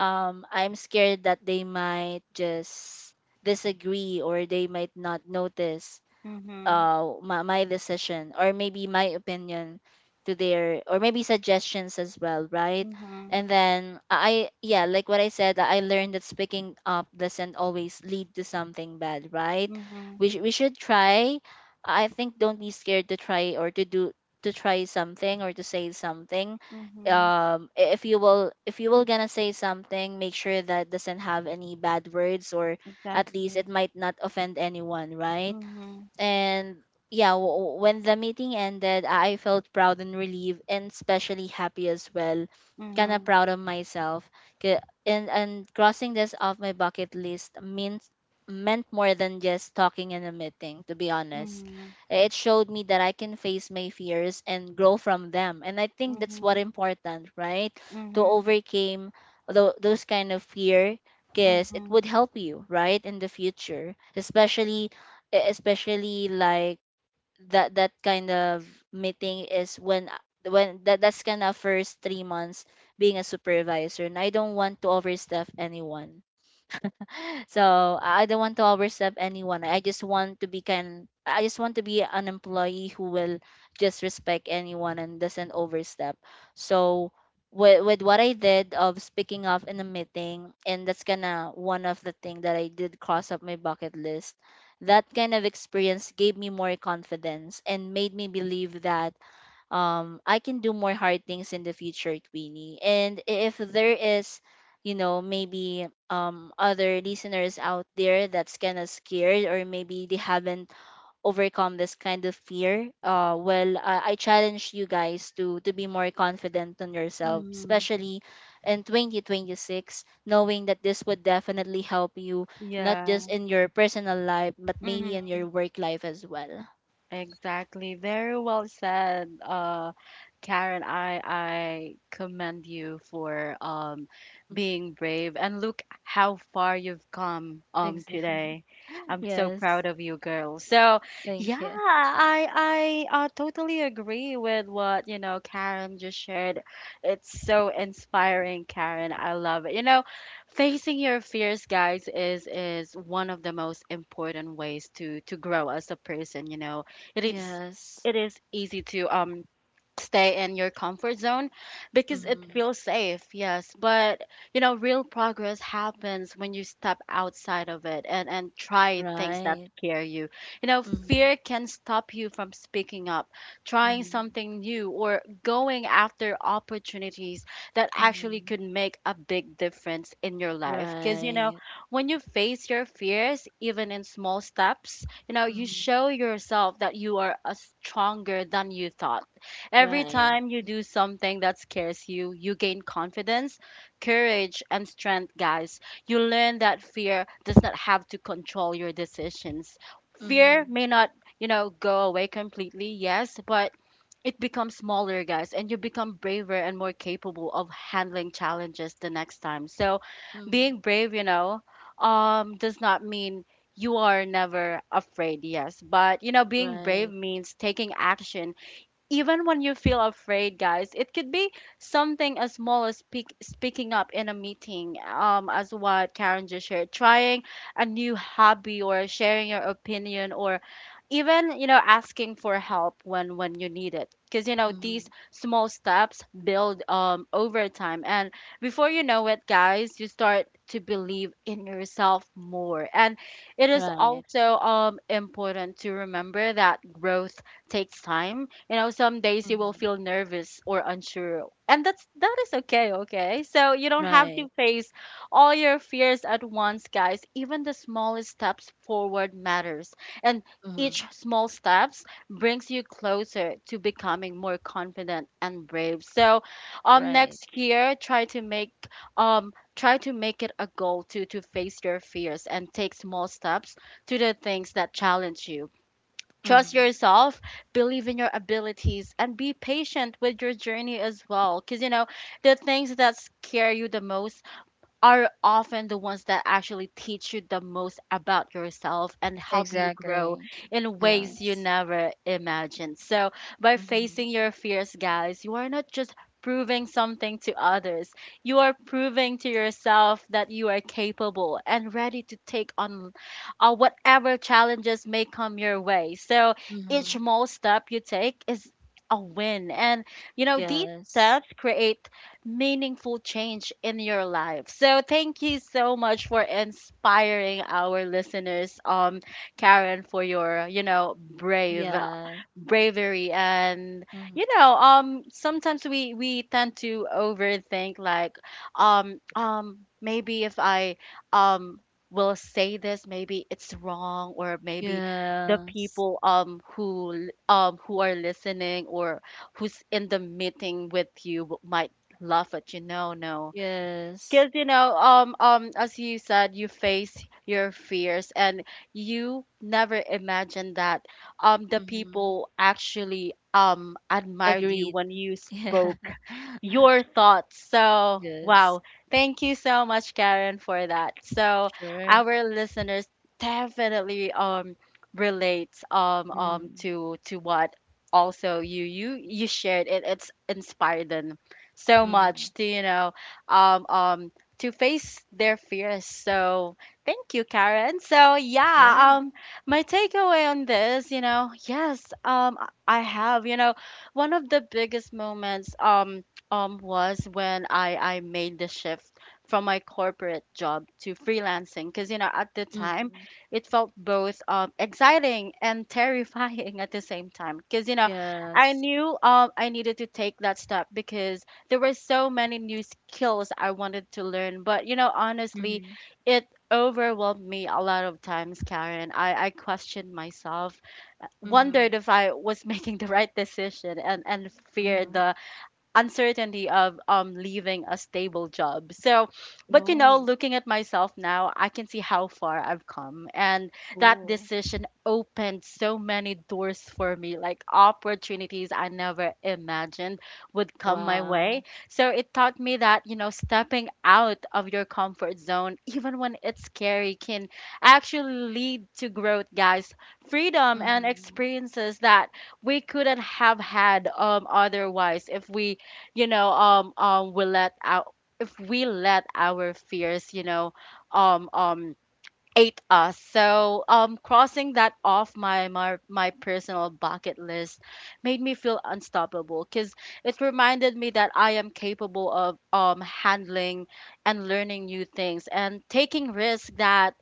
Speaker 2: I'm scared that they might just disagree, or they might not notice
Speaker 1: Mhm.
Speaker 2: my decision, or maybe my opinion to their, or maybe suggestions as well, right?
Speaker 1: Mhm.
Speaker 2: And then I yeah, like what I said, I learned that speaking up doesn't always lead to something bad, right?
Speaker 1: Mhm.
Speaker 2: We should try. I think don't be scared to try, or to do, to say something.
Speaker 1: Mhm.
Speaker 2: If you will gonna say something, make sure that doesn't have any bad words, or at least it
Speaker 1: Exactly.
Speaker 2: might not offend anyone, right?
Speaker 1: Mhm.
Speaker 2: And yeah, when the meeting ended, I felt proud and relieved, and especially happy as well. Kind of
Speaker 1: Mhm.
Speaker 2: proud of myself. 'Kay, and crossing this off my bucket list means meant more than just talking in a meeting, to be honest.
Speaker 1: Mhm,
Speaker 2: It showed me that I can face my fears and grow from them. And I think that's what
Speaker 1: mhm,
Speaker 2: important, right? To
Speaker 1: mhm,
Speaker 2: overcome those kind of fear because it
Speaker 1: mhm,
Speaker 2: would help you, right, in the future, especially especially like that kind of meeting is when that's kind of first 3 months being a supervisor. And I don't want to overstep anyone, so I don't want to overstep anyone. I just want to be kind. I just want to be an employee who will just respect anyone and doesn't overstep. So with what I did of speaking up in a meeting, and that's kinda one of the thing that I did cross up my bucket list. That kind of experience gave me more confidence and made me believe that I can do more hard things in the future, Queenie. And if there is, maybe other listeners out there that's kind of scared or maybe they haven't overcome this kind of fear. Well, I challenge you guys to be more confident on yourself,
Speaker 1: mhm.
Speaker 2: especially in 2026, knowing that this would definitely help you not just
Speaker 1: Yeah,
Speaker 2: in your personal life, but maybe in
Speaker 1: mhm,
Speaker 2: your work life as well.
Speaker 1: exactly. Very well said, Karen. I commend you for
Speaker 2: Mhm.
Speaker 1: being brave, and look how far you've come
Speaker 2: Exactly.
Speaker 1: today. I'm so
Speaker 2: Yes.
Speaker 1: proud of you, girl. So yeah,
Speaker 2: Thank you.
Speaker 1: I totally agree with what, you know, Karen just shared. It's so inspiring, Karen. I love it. You know, facing your fears, guys, is one of the most important ways to grow as a person. You know, it is
Speaker 2: Yes.
Speaker 1: it is easy to stay in your comfort zone because it
Speaker 2: Mm-hmm.
Speaker 1: feels safe, yes, but you know real progress happens when you step outside of it and try things that
Speaker 2: Right.
Speaker 1: scare you. You know
Speaker 2: Mm-hmm.
Speaker 1: fear can stop you from speaking up, trying
Speaker 2: Mm-hmm.
Speaker 1: something new, or going after opportunities that actually
Speaker 2: Mm-hmm.
Speaker 1: could make a big difference in your life, because you know
Speaker 2: Right.
Speaker 1: when you face your fears, even in small steps, you know, you
Speaker 2: Mm-hmm.
Speaker 1: show yourself that you are a stronger than you thought. Every
Speaker 2: Right.
Speaker 1: time you do something that scares you, you gain confidence, courage, and strength, guys. You learn that fear does not have to control your decisions.
Speaker 2: Mm-hmm.
Speaker 1: Fear may not, you know, go away completely, yes, but it becomes smaller, guys, and you become braver and more capable of handling challenges the next time. So,
Speaker 2: Mm-hmm.
Speaker 1: being brave, you know, does not mean you are never afraid, yes, but you know, being brave
Speaker 2: Right.
Speaker 1: means taking action even when you feel afraid, guys. It could be something as small as speaking up in a meeting, as what Karen just shared, trying a new hobby or sharing your opinion, or even, you know, asking for help when you need it, because you know these
Speaker 2: Mm-hmm.
Speaker 1: small steps build over time, and before you know it, guys, you start to believe in yourself more. And it is
Speaker 2: Right.
Speaker 1: also important to remember that growth takes time. You know, some days you will
Speaker 2: Mm-hmm.
Speaker 1: feel nervous or unsure, and that is okay, okay, so you don't have
Speaker 2: Right.
Speaker 1: to face all your fears at once, guys. Even the smallest steps forward matters. And
Speaker 2: Mm-hmm.
Speaker 1: each small steps brings you closer to becoming more confident and brave. So
Speaker 2: Right.
Speaker 1: next year try to make it a goal to face your fears and take small steps to the things that challenge you. Trust
Speaker 2: Mm-hmm.
Speaker 1: yourself, believe in your abilities, and be patient with your journey as well. Because, you know, the things that scare you the most are often the ones that actually teach you the most about yourself and help you grow
Speaker 2: Exactly.
Speaker 1: in ways you
Speaker 2: Yes.
Speaker 1: never imagined. So, by
Speaker 2: Mm-hmm.
Speaker 1: facing your fears, guys, you are not just proving something to others, you are proving to yourself that you are capable and ready to take on whatever challenges may come your way. So each
Speaker 2: Mm-hmm.
Speaker 1: small step you take is a win. And, you know, these
Speaker 2: Yes.
Speaker 1: steps create meaningful change in your life. So thank you so much for inspiring our listeners, Karen, for your
Speaker 2: Yeah.
Speaker 1: bravery. And
Speaker 2: Mm-hmm.
Speaker 1: sometimes we tend to overthink, like, maybe if I um will say this, maybe it's wrong, or maybe the
Speaker 2: Yes.
Speaker 1: people, who are listening, or who's in the meeting with you, might laugh at you. No, no.
Speaker 2: Yes.
Speaker 1: Because, as you said, you face your fears, and you never imagined that the
Speaker 2: Mm-hmm.
Speaker 1: people actually admired you
Speaker 2: Agreed.
Speaker 1: when you
Speaker 2: Yeah.
Speaker 1: spoke your thoughts. So,
Speaker 2: Yes.
Speaker 1: wow. Thank you so much, Karen, for that. So,
Speaker 2: Sure.
Speaker 1: our listeners definitely relates
Speaker 2: Mm.
Speaker 1: to what also you shared. It it's inspired them so
Speaker 2: Mm-hmm.
Speaker 1: much to, um um to face their fears. So thank you, Karen. So, yeah,
Speaker 2: Sure.
Speaker 1: my takeaway on this, you know. Yes, I have, you know, one of the biggest moments, was when I made the shift from my corporate job to freelancing, because, you know, at the time
Speaker 2: Mm-hmm.
Speaker 1: it felt both exciting and terrifying at the same time. Because, you know, I
Speaker 2: Yes.
Speaker 1: knew, I needed to take that step because there were so many new skills I wanted to learn. But, you know,
Speaker 2: Mm-hmm.
Speaker 1: honestly, it overwhelmed me a lot of times, Karen. I questioned myself,
Speaker 2: Mm-hmm.
Speaker 1: wondered if I was making the right decision, and
Speaker 2: Mm-hmm.
Speaker 1: feared the uncertainty of leaving a stable job. So, but, you know,
Speaker 2: Oh.
Speaker 1: looking at myself now, I can see how far I've come, and that
Speaker 2: Oh.
Speaker 1: decision opened so many doors for me, like opportunities I never imagined would come my
Speaker 2: Wow.
Speaker 1: way. So it taught me that, you know, stepping out of your comfort zone, even when it's scary, can actually lead to growth, guys. Freedom and
Speaker 2: Mm-hmm.
Speaker 1: experiences that we couldn't have had, otherwise, if we, we let out if we let our fears, um um ate us. So crossing that off my personal bucket list made me feel unstoppable, because it reminded me that I am capable of handling and learning new things and taking risks that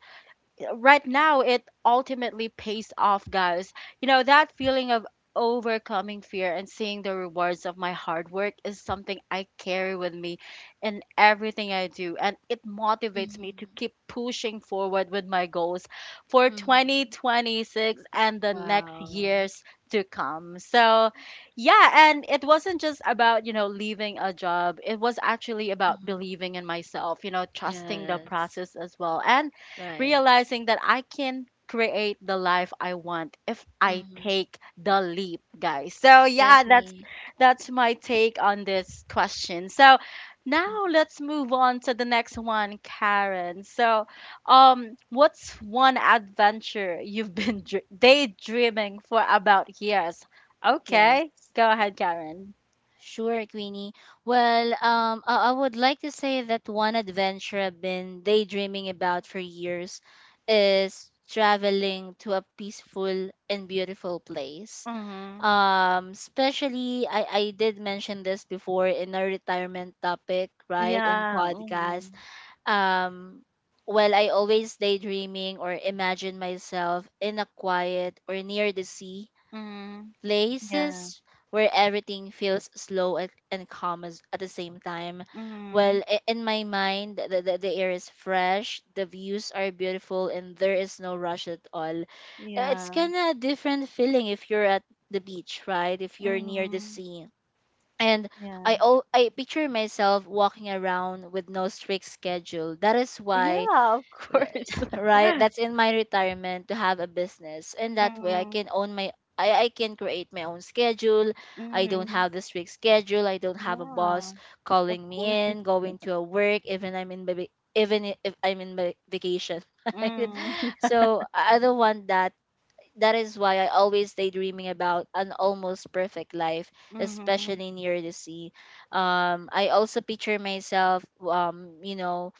Speaker 1: right now it ultimately pays off, guys. You know, that feeling of overcoming fear and seeing the rewards of my hard work is something I carry with me in everything I do, and it motivates me to
Speaker 2: Mm-hmm.
Speaker 1: keep pushing forward with my goals for
Speaker 2: Mm-hmm.
Speaker 1: 2026 and the next
Speaker 2: Wow.
Speaker 1: years to come. So, yeah, and it wasn't just about, you know, leaving a job. It was actually about
Speaker 2: Mm-hmm.
Speaker 1: believing in myself, you know, trusting the
Speaker 2: Yes.
Speaker 1: process as well, and
Speaker 2: Right.
Speaker 1: realizing that I can create the life I want if I
Speaker 2: Mm-hmm.
Speaker 1: take the leap, guys. So, yeah, that's
Speaker 2: Exactly.
Speaker 1: that's my take on this question. So now
Speaker 2: Hmm.
Speaker 1: let's move on to the next one, Karen. So, what's one adventure you've been daydreaming for about years?
Speaker 2: Yes.
Speaker 1: Okay, go ahead, Karen.
Speaker 2: Sure, Queenie. Well, I would like to say that one adventure I've been daydreaming about for years is traveling to a peaceful and beautiful place.
Speaker 1: Mhm.
Speaker 2: Especially, I did mention this before in our retirement topic, right, and
Speaker 1: Yeah.
Speaker 2: podcast.
Speaker 1: Mhm.
Speaker 2: Um, well, I always daydreaming or imagine myself in a quiet or near the sea
Speaker 1: Mhm. Yeah.
Speaker 2: places where everything feels slow and calm as, at the same time. Well,
Speaker 1: Mhm.
Speaker 2: in my mind, the air is fresh, the views are beautiful, and there is no rush at all. It's
Speaker 1: Yeah.
Speaker 2: kind of a different feeling if you're at the beach, right? If you're near the
Speaker 1: Mhm.
Speaker 2: sea. And I,
Speaker 1: Yeah.
Speaker 2: al- I picture myself walking around with no strict schedule. That is why
Speaker 1: Yeah, of
Speaker 2: th-
Speaker 1: course.
Speaker 2: right, that's in my retirement, to have a business, and that way I
Speaker 1: Mm-hmm.
Speaker 2: can own I can create my own schedule. I don't
Speaker 1: Mm-hmm.
Speaker 2: have the strict schedule, I don't have a boss
Speaker 1: Yeah, of
Speaker 2: calling me
Speaker 1: course.
Speaker 2: in going to a work even I'm in baby, even if I'm in vacation right?
Speaker 1: Mm.
Speaker 2: So I don't want that. That is why I always daydreaming about an almost perfect life,
Speaker 1: Mm-hmm.
Speaker 2: especially near the sea. I also picture myself,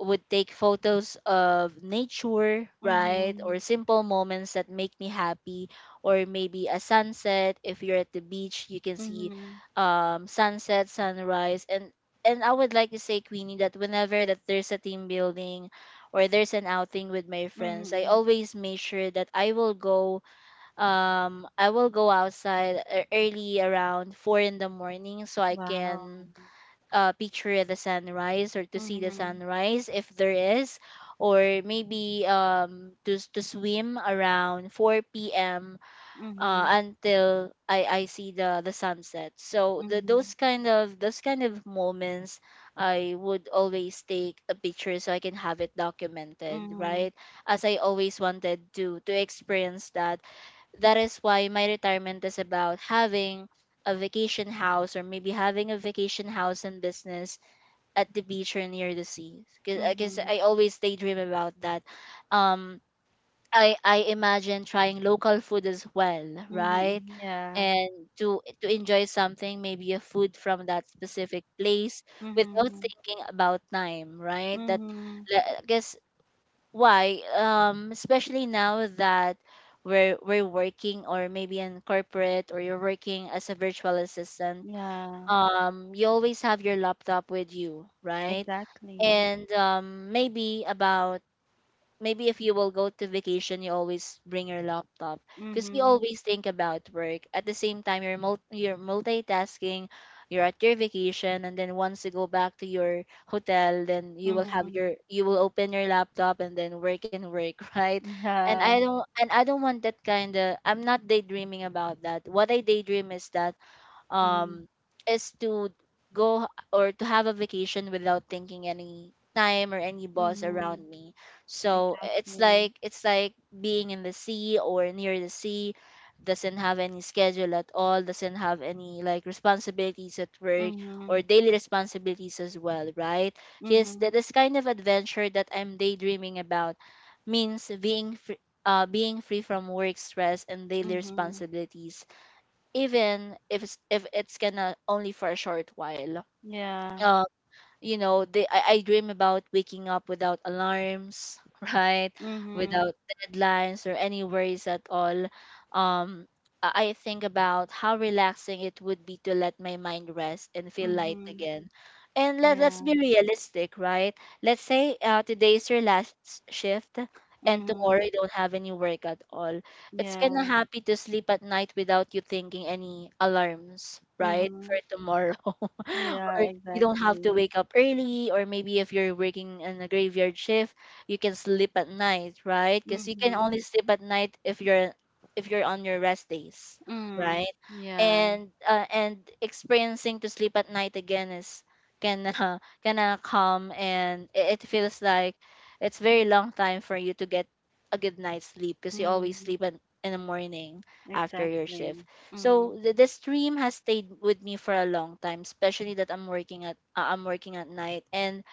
Speaker 2: would take photos of nature, right?
Speaker 1: Mm-hmm.
Speaker 2: Or simple moments that make me happy, or maybe a sunset. If you're at the beach, you can see
Speaker 1: Mm-hmm.
Speaker 2: sunset, sunrise, and I would like to say, Queenie, that whenever that there's a team building or there's an outing with my friends, I
Speaker 1: Mm-hmm.
Speaker 2: always make sure that I will go, I will go outside early around 4 in the morning so I
Speaker 1: Wow.
Speaker 2: can picture the sunrise or to see the
Speaker 1: Mm-hmm.
Speaker 2: sunrise, if there is, or maybe to swim around 4 p.m.
Speaker 1: Mm-hmm.
Speaker 2: Until I see the sunset. So the
Speaker 1: Mm-hmm.
Speaker 2: those kind of moments I would always take a picture so I can have it documented,
Speaker 1: Mm-hmm.
Speaker 2: right? As I always wanted to experience that. That is why my retirement is about having a vacation house, or maybe having a vacation house and business at the beach or near the sea, because I guess
Speaker 1: Mm-hmm.
Speaker 2: I always daydream about that. Um, I imagine trying local food as well, right?
Speaker 1: Mm-hmm. Yeah.
Speaker 2: And to enjoy something, maybe a food from that specific place without
Speaker 1: Mm-hmm.
Speaker 2: thinking about time, right? That
Speaker 1: Mm-hmm.
Speaker 2: I guess why especially now that we're working or maybe in corporate, or you're working as a virtual assistant,
Speaker 1: Yeah,
Speaker 2: you always have your laptop with you, right?
Speaker 1: exactly.
Speaker 2: And maybe if you will go to vacation, you always bring your laptop, because you
Speaker 1: Mm-hmm.
Speaker 2: always think about work. At the same time you're multitasking you're at your vacation, and then once you go back to your hotel, then you will have
Speaker 1: Mm-hmm.
Speaker 2: your, you will open your laptop and then work and work right? And i
Speaker 1: Yeah.
Speaker 2: don't and i don't want that kind of, I'm not daydreaming about that. What I daydream is that
Speaker 1: Mm-hmm.
Speaker 2: um is to go or to have a vacation without thinking any time or any boss
Speaker 1: Mm-hmm.
Speaker 2: around me. So it's
Speaker 1: Exactly.
Speaker 2: like it's like being in the sea or near the sea, doesn't have any schedule at all, doesn't have any like responsibilities at work, or
Speaker 1: Mm-hmm.
Speaker 2: daily responsibilities as well, right? Yes, that
Speaker 1: Mm-hmm.
Speaker 2: this kind of adventure that I'm daydreaming about means being free. Being free from work stress and daily
Speaker 1: Mm-hmm.
Speaker 2: responsibilities, even if it's gonna only for a short while.
Speaker 1: Yeah.
Speaker 2: You know, I dream about waking up without alarms right,
Speaker 1: Mhm,
Speaker 2: without deadlines or any worries at all. Um i i think about how relaxing it would be to let my mind rest and feel light
Speaker 1: mhm,
Speaker 2: again. And let's
Speaker 1: yeah,
Speaker 2: be realistic, right? Let's say, today's your last shift, and tomorrow you
Speaker 1: mhm,
Speaker 2: don't have any work at all. It's kind of
Speaker 1: yeah,
Speaker 2: happy to sleep at night without you thinking any alarms, right, for
Speaker 1: mhm,
Speaker 2: tomorrow? Or
Speaker 1: yeah,
Speaker 2: you don't have to
Speaker 1: exactly,
Speaker 2: wake up early, or maybe if you're working in a graveyard shift, you can sleep at night, right? Because you can
Speaker 1: mhm,
Speaker 2: only sleep at night if you're, if you're on your rest days,
Speaker 1: mm,
Speaker 2: right?
Speaker 1: yeah,
Speaker 2: And and experiencing to sleep at night again is, can to come, and it feels like it's very long time for you to get a good night's sleep, because you always
Speaker 1: mhm,
Speaker 2: sleep in the morning after your shift.
Speaker 1: exactly,
Speaker 2: So
Speaker 1: mhm,
Speaker 2: the stream has stayed with me for a long time, especially that I'm working at night. and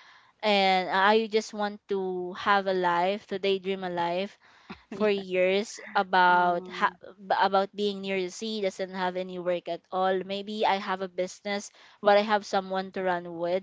Speaker 2: and I just want to have a life, to daydream a life for
Speaker 1: yeah,
Speaker 2: years about ha-
Speaker 1: mhm,
Speaker 2: b- about being near the sea, doesn't have any work at all. Maybe I have a business, but I have someone to run with,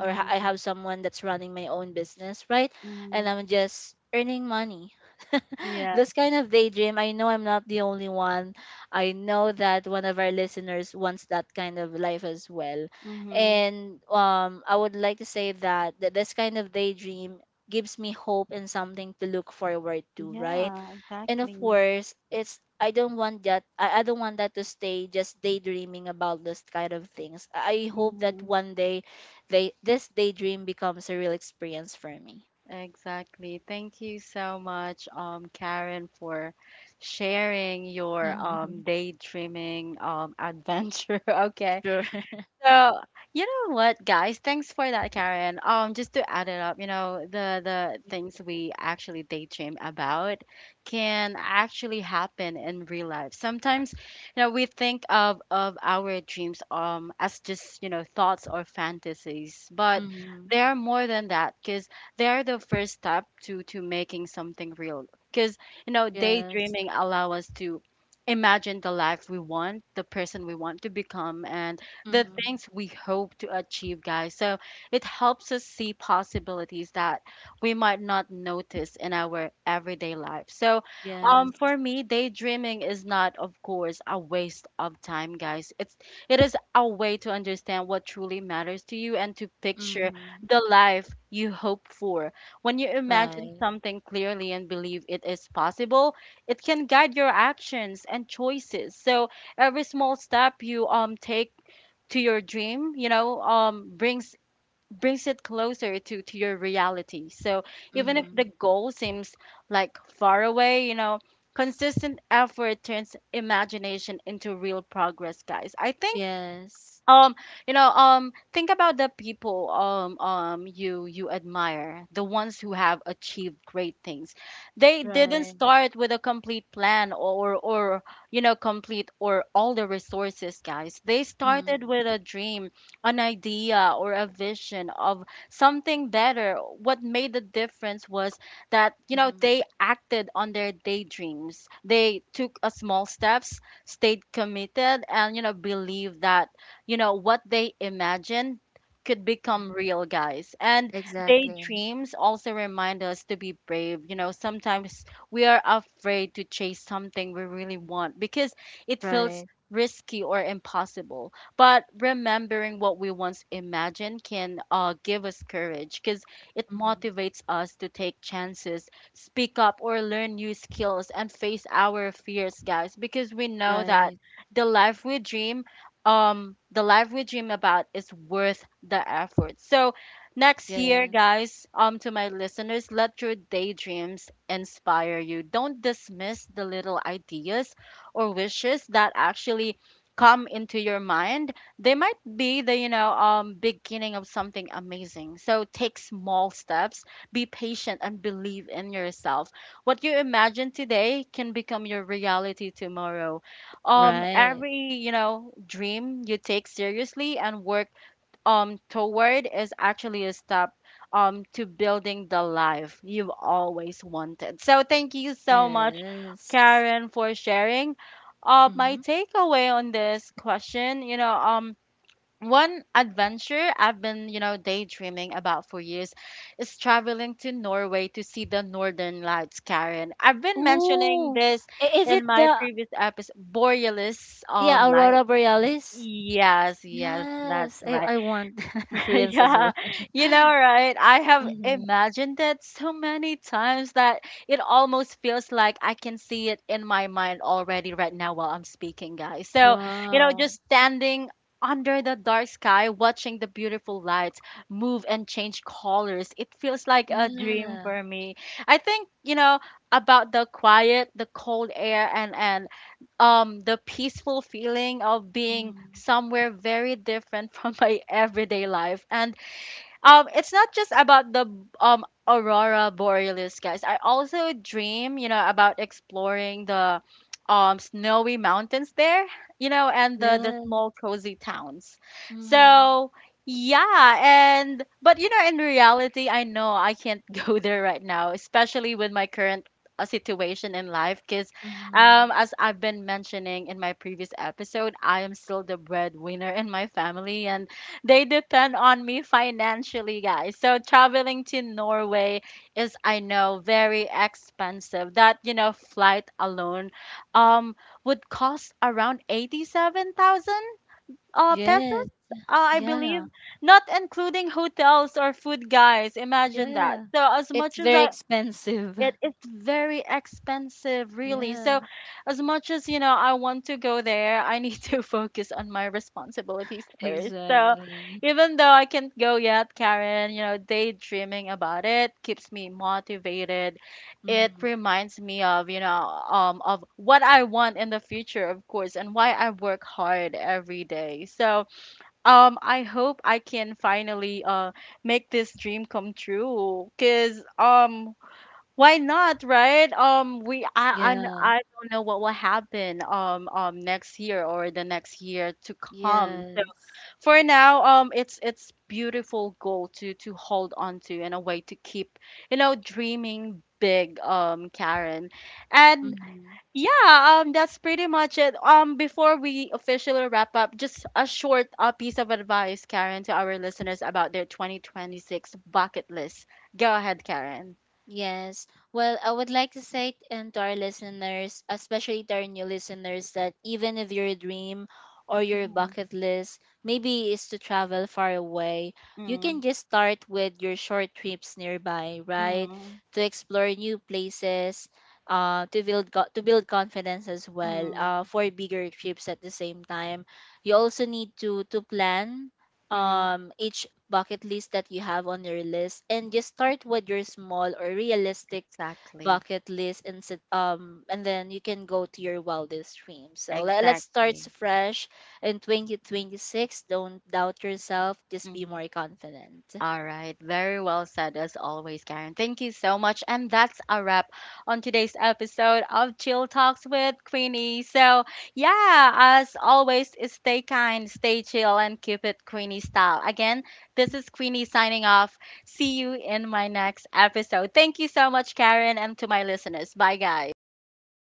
Speaker 2: or I have someone that's running my own business, right? And
Speaker 1: mhm,
Speaker 2: I'm just earning money.
Speaker 1: yeah,
Speaker 2: This kind of daydream, I know I'm not the only one. I know that one of our listeners wants that kind of life as well.
Speaker 1: mhm,
Speaker 2: And I would like to say that, that this kind of daydream gives me hope and something to look forward to, right?
Speaker 1: yeah,
Speaker 2: And of
Speaker 1: exactly,
Speaker 2: course, it's, I don't want that, I don't want that to stay just daydreaming about this kind of things. I hope that
Speaker 1: mhm,
Speaker 2: one day they this daydream becomes a real experience for me.
Speaker 1: exactly. Thank you so much, Karen, for sharing your
Speaker 2: Mhm.
Speaker 1: daydreaming adventure. Okay.
Speaker 2: Sure.
Speaker 1: So, you know what, guys? Thanks for that, Karen. Just to add it up, you know, the things we actually daydream about can actually happen in real life. Sometimes, you know, we think of our dreams as just, you know, thoughts or fantasies, but
Speaker 2: Mm-hmm.
Speaker 1: they are more than that, because they are the first step to making something real. Because, you know,
Speaker 2: Yes.
Speaker 1: daydreaming allow us to imagine the life we want, the person we want to become, and the
Speaker 2: Mm-hmm.
Speaker 1: things we hope to achieve, guys. So it helps us see possibilities that we might not notice in our everyday life. So,
Speaker 2: Yes.
Speaker 1: for me, daydreaming is not, of course, a waste of time, guys. It is a way to understand what truly matters to you and to picture
Speaker 2: Mm-hmm.
Speaker 1: the life you hope for. When you imagine
Speaker 2: Right.
Speaker 1: something clearly and believe it is possible, it can guide your actions and choices. So every small step you take to your dream, you know, brings it closer to your reality. So even if the
Speaker 2: Mm-hmm.
Speaker 1: goal seems like far away, you know, consistent effort turns imagination into real progress, guys. I think,
Speaker 2: Yes.
Speaker 1: um you know, think about the people, you admire, the ones who have achieved great things. They didn't
Speaker 2: Right.
Speaker 1: start with a complete plan, or, you know, complete or all the resources, guys. They started
Speaker 2: Mm-hmm.
Speaker 1: with a dream, an idea, or a vision of something better. What made the difference was that, you know,
Speaker 2: Mm-hmm.
Speaker 1: they acted on their daydreams. They took a small steps, stayed committed, and, you know, believed that, you know, what they imagine could become real, guys. And
Speaker 2: Exactly.
Speaker 1: daydreams also remind us to be brave. You know, sometimes we are afraid to chase something we really want because it feels
Speaker 2: Right.
Speaker 1: risky or impossible. But remembering what we once imagined can, give us courage, because it
Speaker 2: Mm-hmm.
Speaker 1: motivates us to take chances, speak up, or learn new skills, and face our fears, guys, because we know that
Speaker 2: Right.
Speaker 1: the life we dream the life we dream about is worth the effort. So next year,
Speaker 2: Yes.
Speaker 1: guys, to my listeners, let your daydreams inspire you. Don't dismiss the little ideas or wishes that actually come into your mind. They might be the, you know, beginning of something amazing. So take small steps, be patient and believe in yourself. What you imagine today can become your reality tomorrow.
Speaker 2: Right.
Speaker 1: Every, you know, dream you take seriously and work toward is actually a step to building the life you've always wanted. So thank you so much,
Speaker 2: Yes.
Speaker 1: Karen, for sharing.
Speaker 2: Mm-hmm.
Speaker 1: My takeaway on this question, you know. One adventure I've been, you know, daydreaming about for years is traveling to Norway to see the Northern Lights, Karen. I've been mentioning
Speaker 2: Ooh.
Speaker 1: this
Speaker 2: I- Is it
Speaker 1: in my
Speaker 2: the
Speaker 1: previous episode, Borealis
Speaker 2: yeah,
Speaker 1: light.
Speaker 2: Aurora Borealis?
Speaker 1: Yes, yes, that's
Speaker 2: Yes. I,
Speaker 1: right.
Speaker 2: I want that experience as
Speaker 1: Yeah,
Speaker 2: well.
Speaker 1: you know, right? I have
Speaker 2: Mm-hmm.
Speaker 1: imagined it so many times that it almost feels like I can see it in my mind already right now while I'm speaking, guys. So, you know,
Speaker 2: Wow.
Speaker 1: just standing under the dark sky, watching the beautiful lights move and change colors, it feels like a dream
Speaker 2: Yeah.
Speaker 1: for me. I think, you know, about the quiet, the cold air, and the peaceful feeling of being
Speaker 2: Mm-hmm.
Speaker 1: somewhere very different from my everyday life. And it's not just about the aurora borealis, guys. I also dream, you know, about exploring the snowy mountains there, you know, and the
Speaker 2: Yes.
Speaker 1: small, cozy towns.
Speaker 2: Mm-hmm.
Speaker 1: So, yeah. And but, you know, in reality, I know I can't go there right now, especially with my current situation in life. Because,
Speaker 2: Mm-hmm.
Speaker 1: as I've been mentioning in my previous episode, I am still the breadwinner in my family and they depend on me financially, guys. So traveling to Norway is, I know, very expensive. That, you know, flight alone um would cost around 87,000
Speaker 2: Yes.
Speaker 1: pesos, I believe,
Speaker 2: Yeah.
Speaker 1: not including hotels or food, guys. Imagine that.
Speaker 2: Yeah.
Speaker 1: So as
Speaker 2: It's
Speaker 1: much as
Speaker 2: very
Speaker 1: I,
Speaker 2: expensive.
Speaker 1: it is very expensive, really. So
Speaker 2: Yeah.
Speaker 1: as much as, you know, I want to go there, I need to focus on my responsibilities first. So
Speaker 2: Exactly.
Speaker 1: even though I can't go yet, Karen, you know, daydreaming about it keeps me motivated. It
Speaker 2: Mm-hmm.
Speaker 1: reminds me of, you know, of what I want in the future, of course, and why I work hard every day. So I hope I can finally make this dream come true. Because, why not, right? I
Speaker 2: Yeah.
Speaker 1: I don't know what will happen next year or the next year to come. So
Speaker 2: Yes.
Speaker 1: for now, it's beautiful goal to hold on to, in a way to keep, you know, dreaming big, Karen. And,
Speaker 2: Hmm.
Speaker 1: yeah, that's pretty much it. Before we officially wrap up, just a short piece of advice, Karen, to our listeners about their 2026 bucket list. Go ahead, Karen.
Speaker 2: Yes. Well, I would like to say t- and to our listeners, especially to our new listeners, that even if your dream or your
Speaker 1: Mhm.
Speaker 2: bucket list maybe is to travel far away, you
Speaker 1: Mm.
Speaker 2: can just start with your short trips nearby, right?
Speaker 1: Mm,
Speaker 2: To explore new places, to build to build confidence as well.
Speaker 1: mm,
Speaker 2: For bigger trips at the same time, you also need to plan,
Speaker 1: mm.
Speaker 2: each bucket list that you have on your list, and just start with your small or realistic
Speaker 1: Exactly.
Speaker 2: bucket list and sit, and then you can go to your wildest dream. So let's start
Speaker 1: Exactly.
Speaker 2: fresh in 2026, don't doubt yourself. Just be
Speaker 1: Mm.
Speaker 2: more confident.
Speaker 1: All right. Very well said, as always, Karen. Thank you so much. And that's a wrap on today's episode of Chill Talks with Queenie. So, yeah, as always, stay kind, stay chill, and keep it Queenie style. Again, this is Queenie signing off. See you in my next episode. Thank you so much, Karen, and to my listeners. Bye, guys.
Speaker 2: Bye.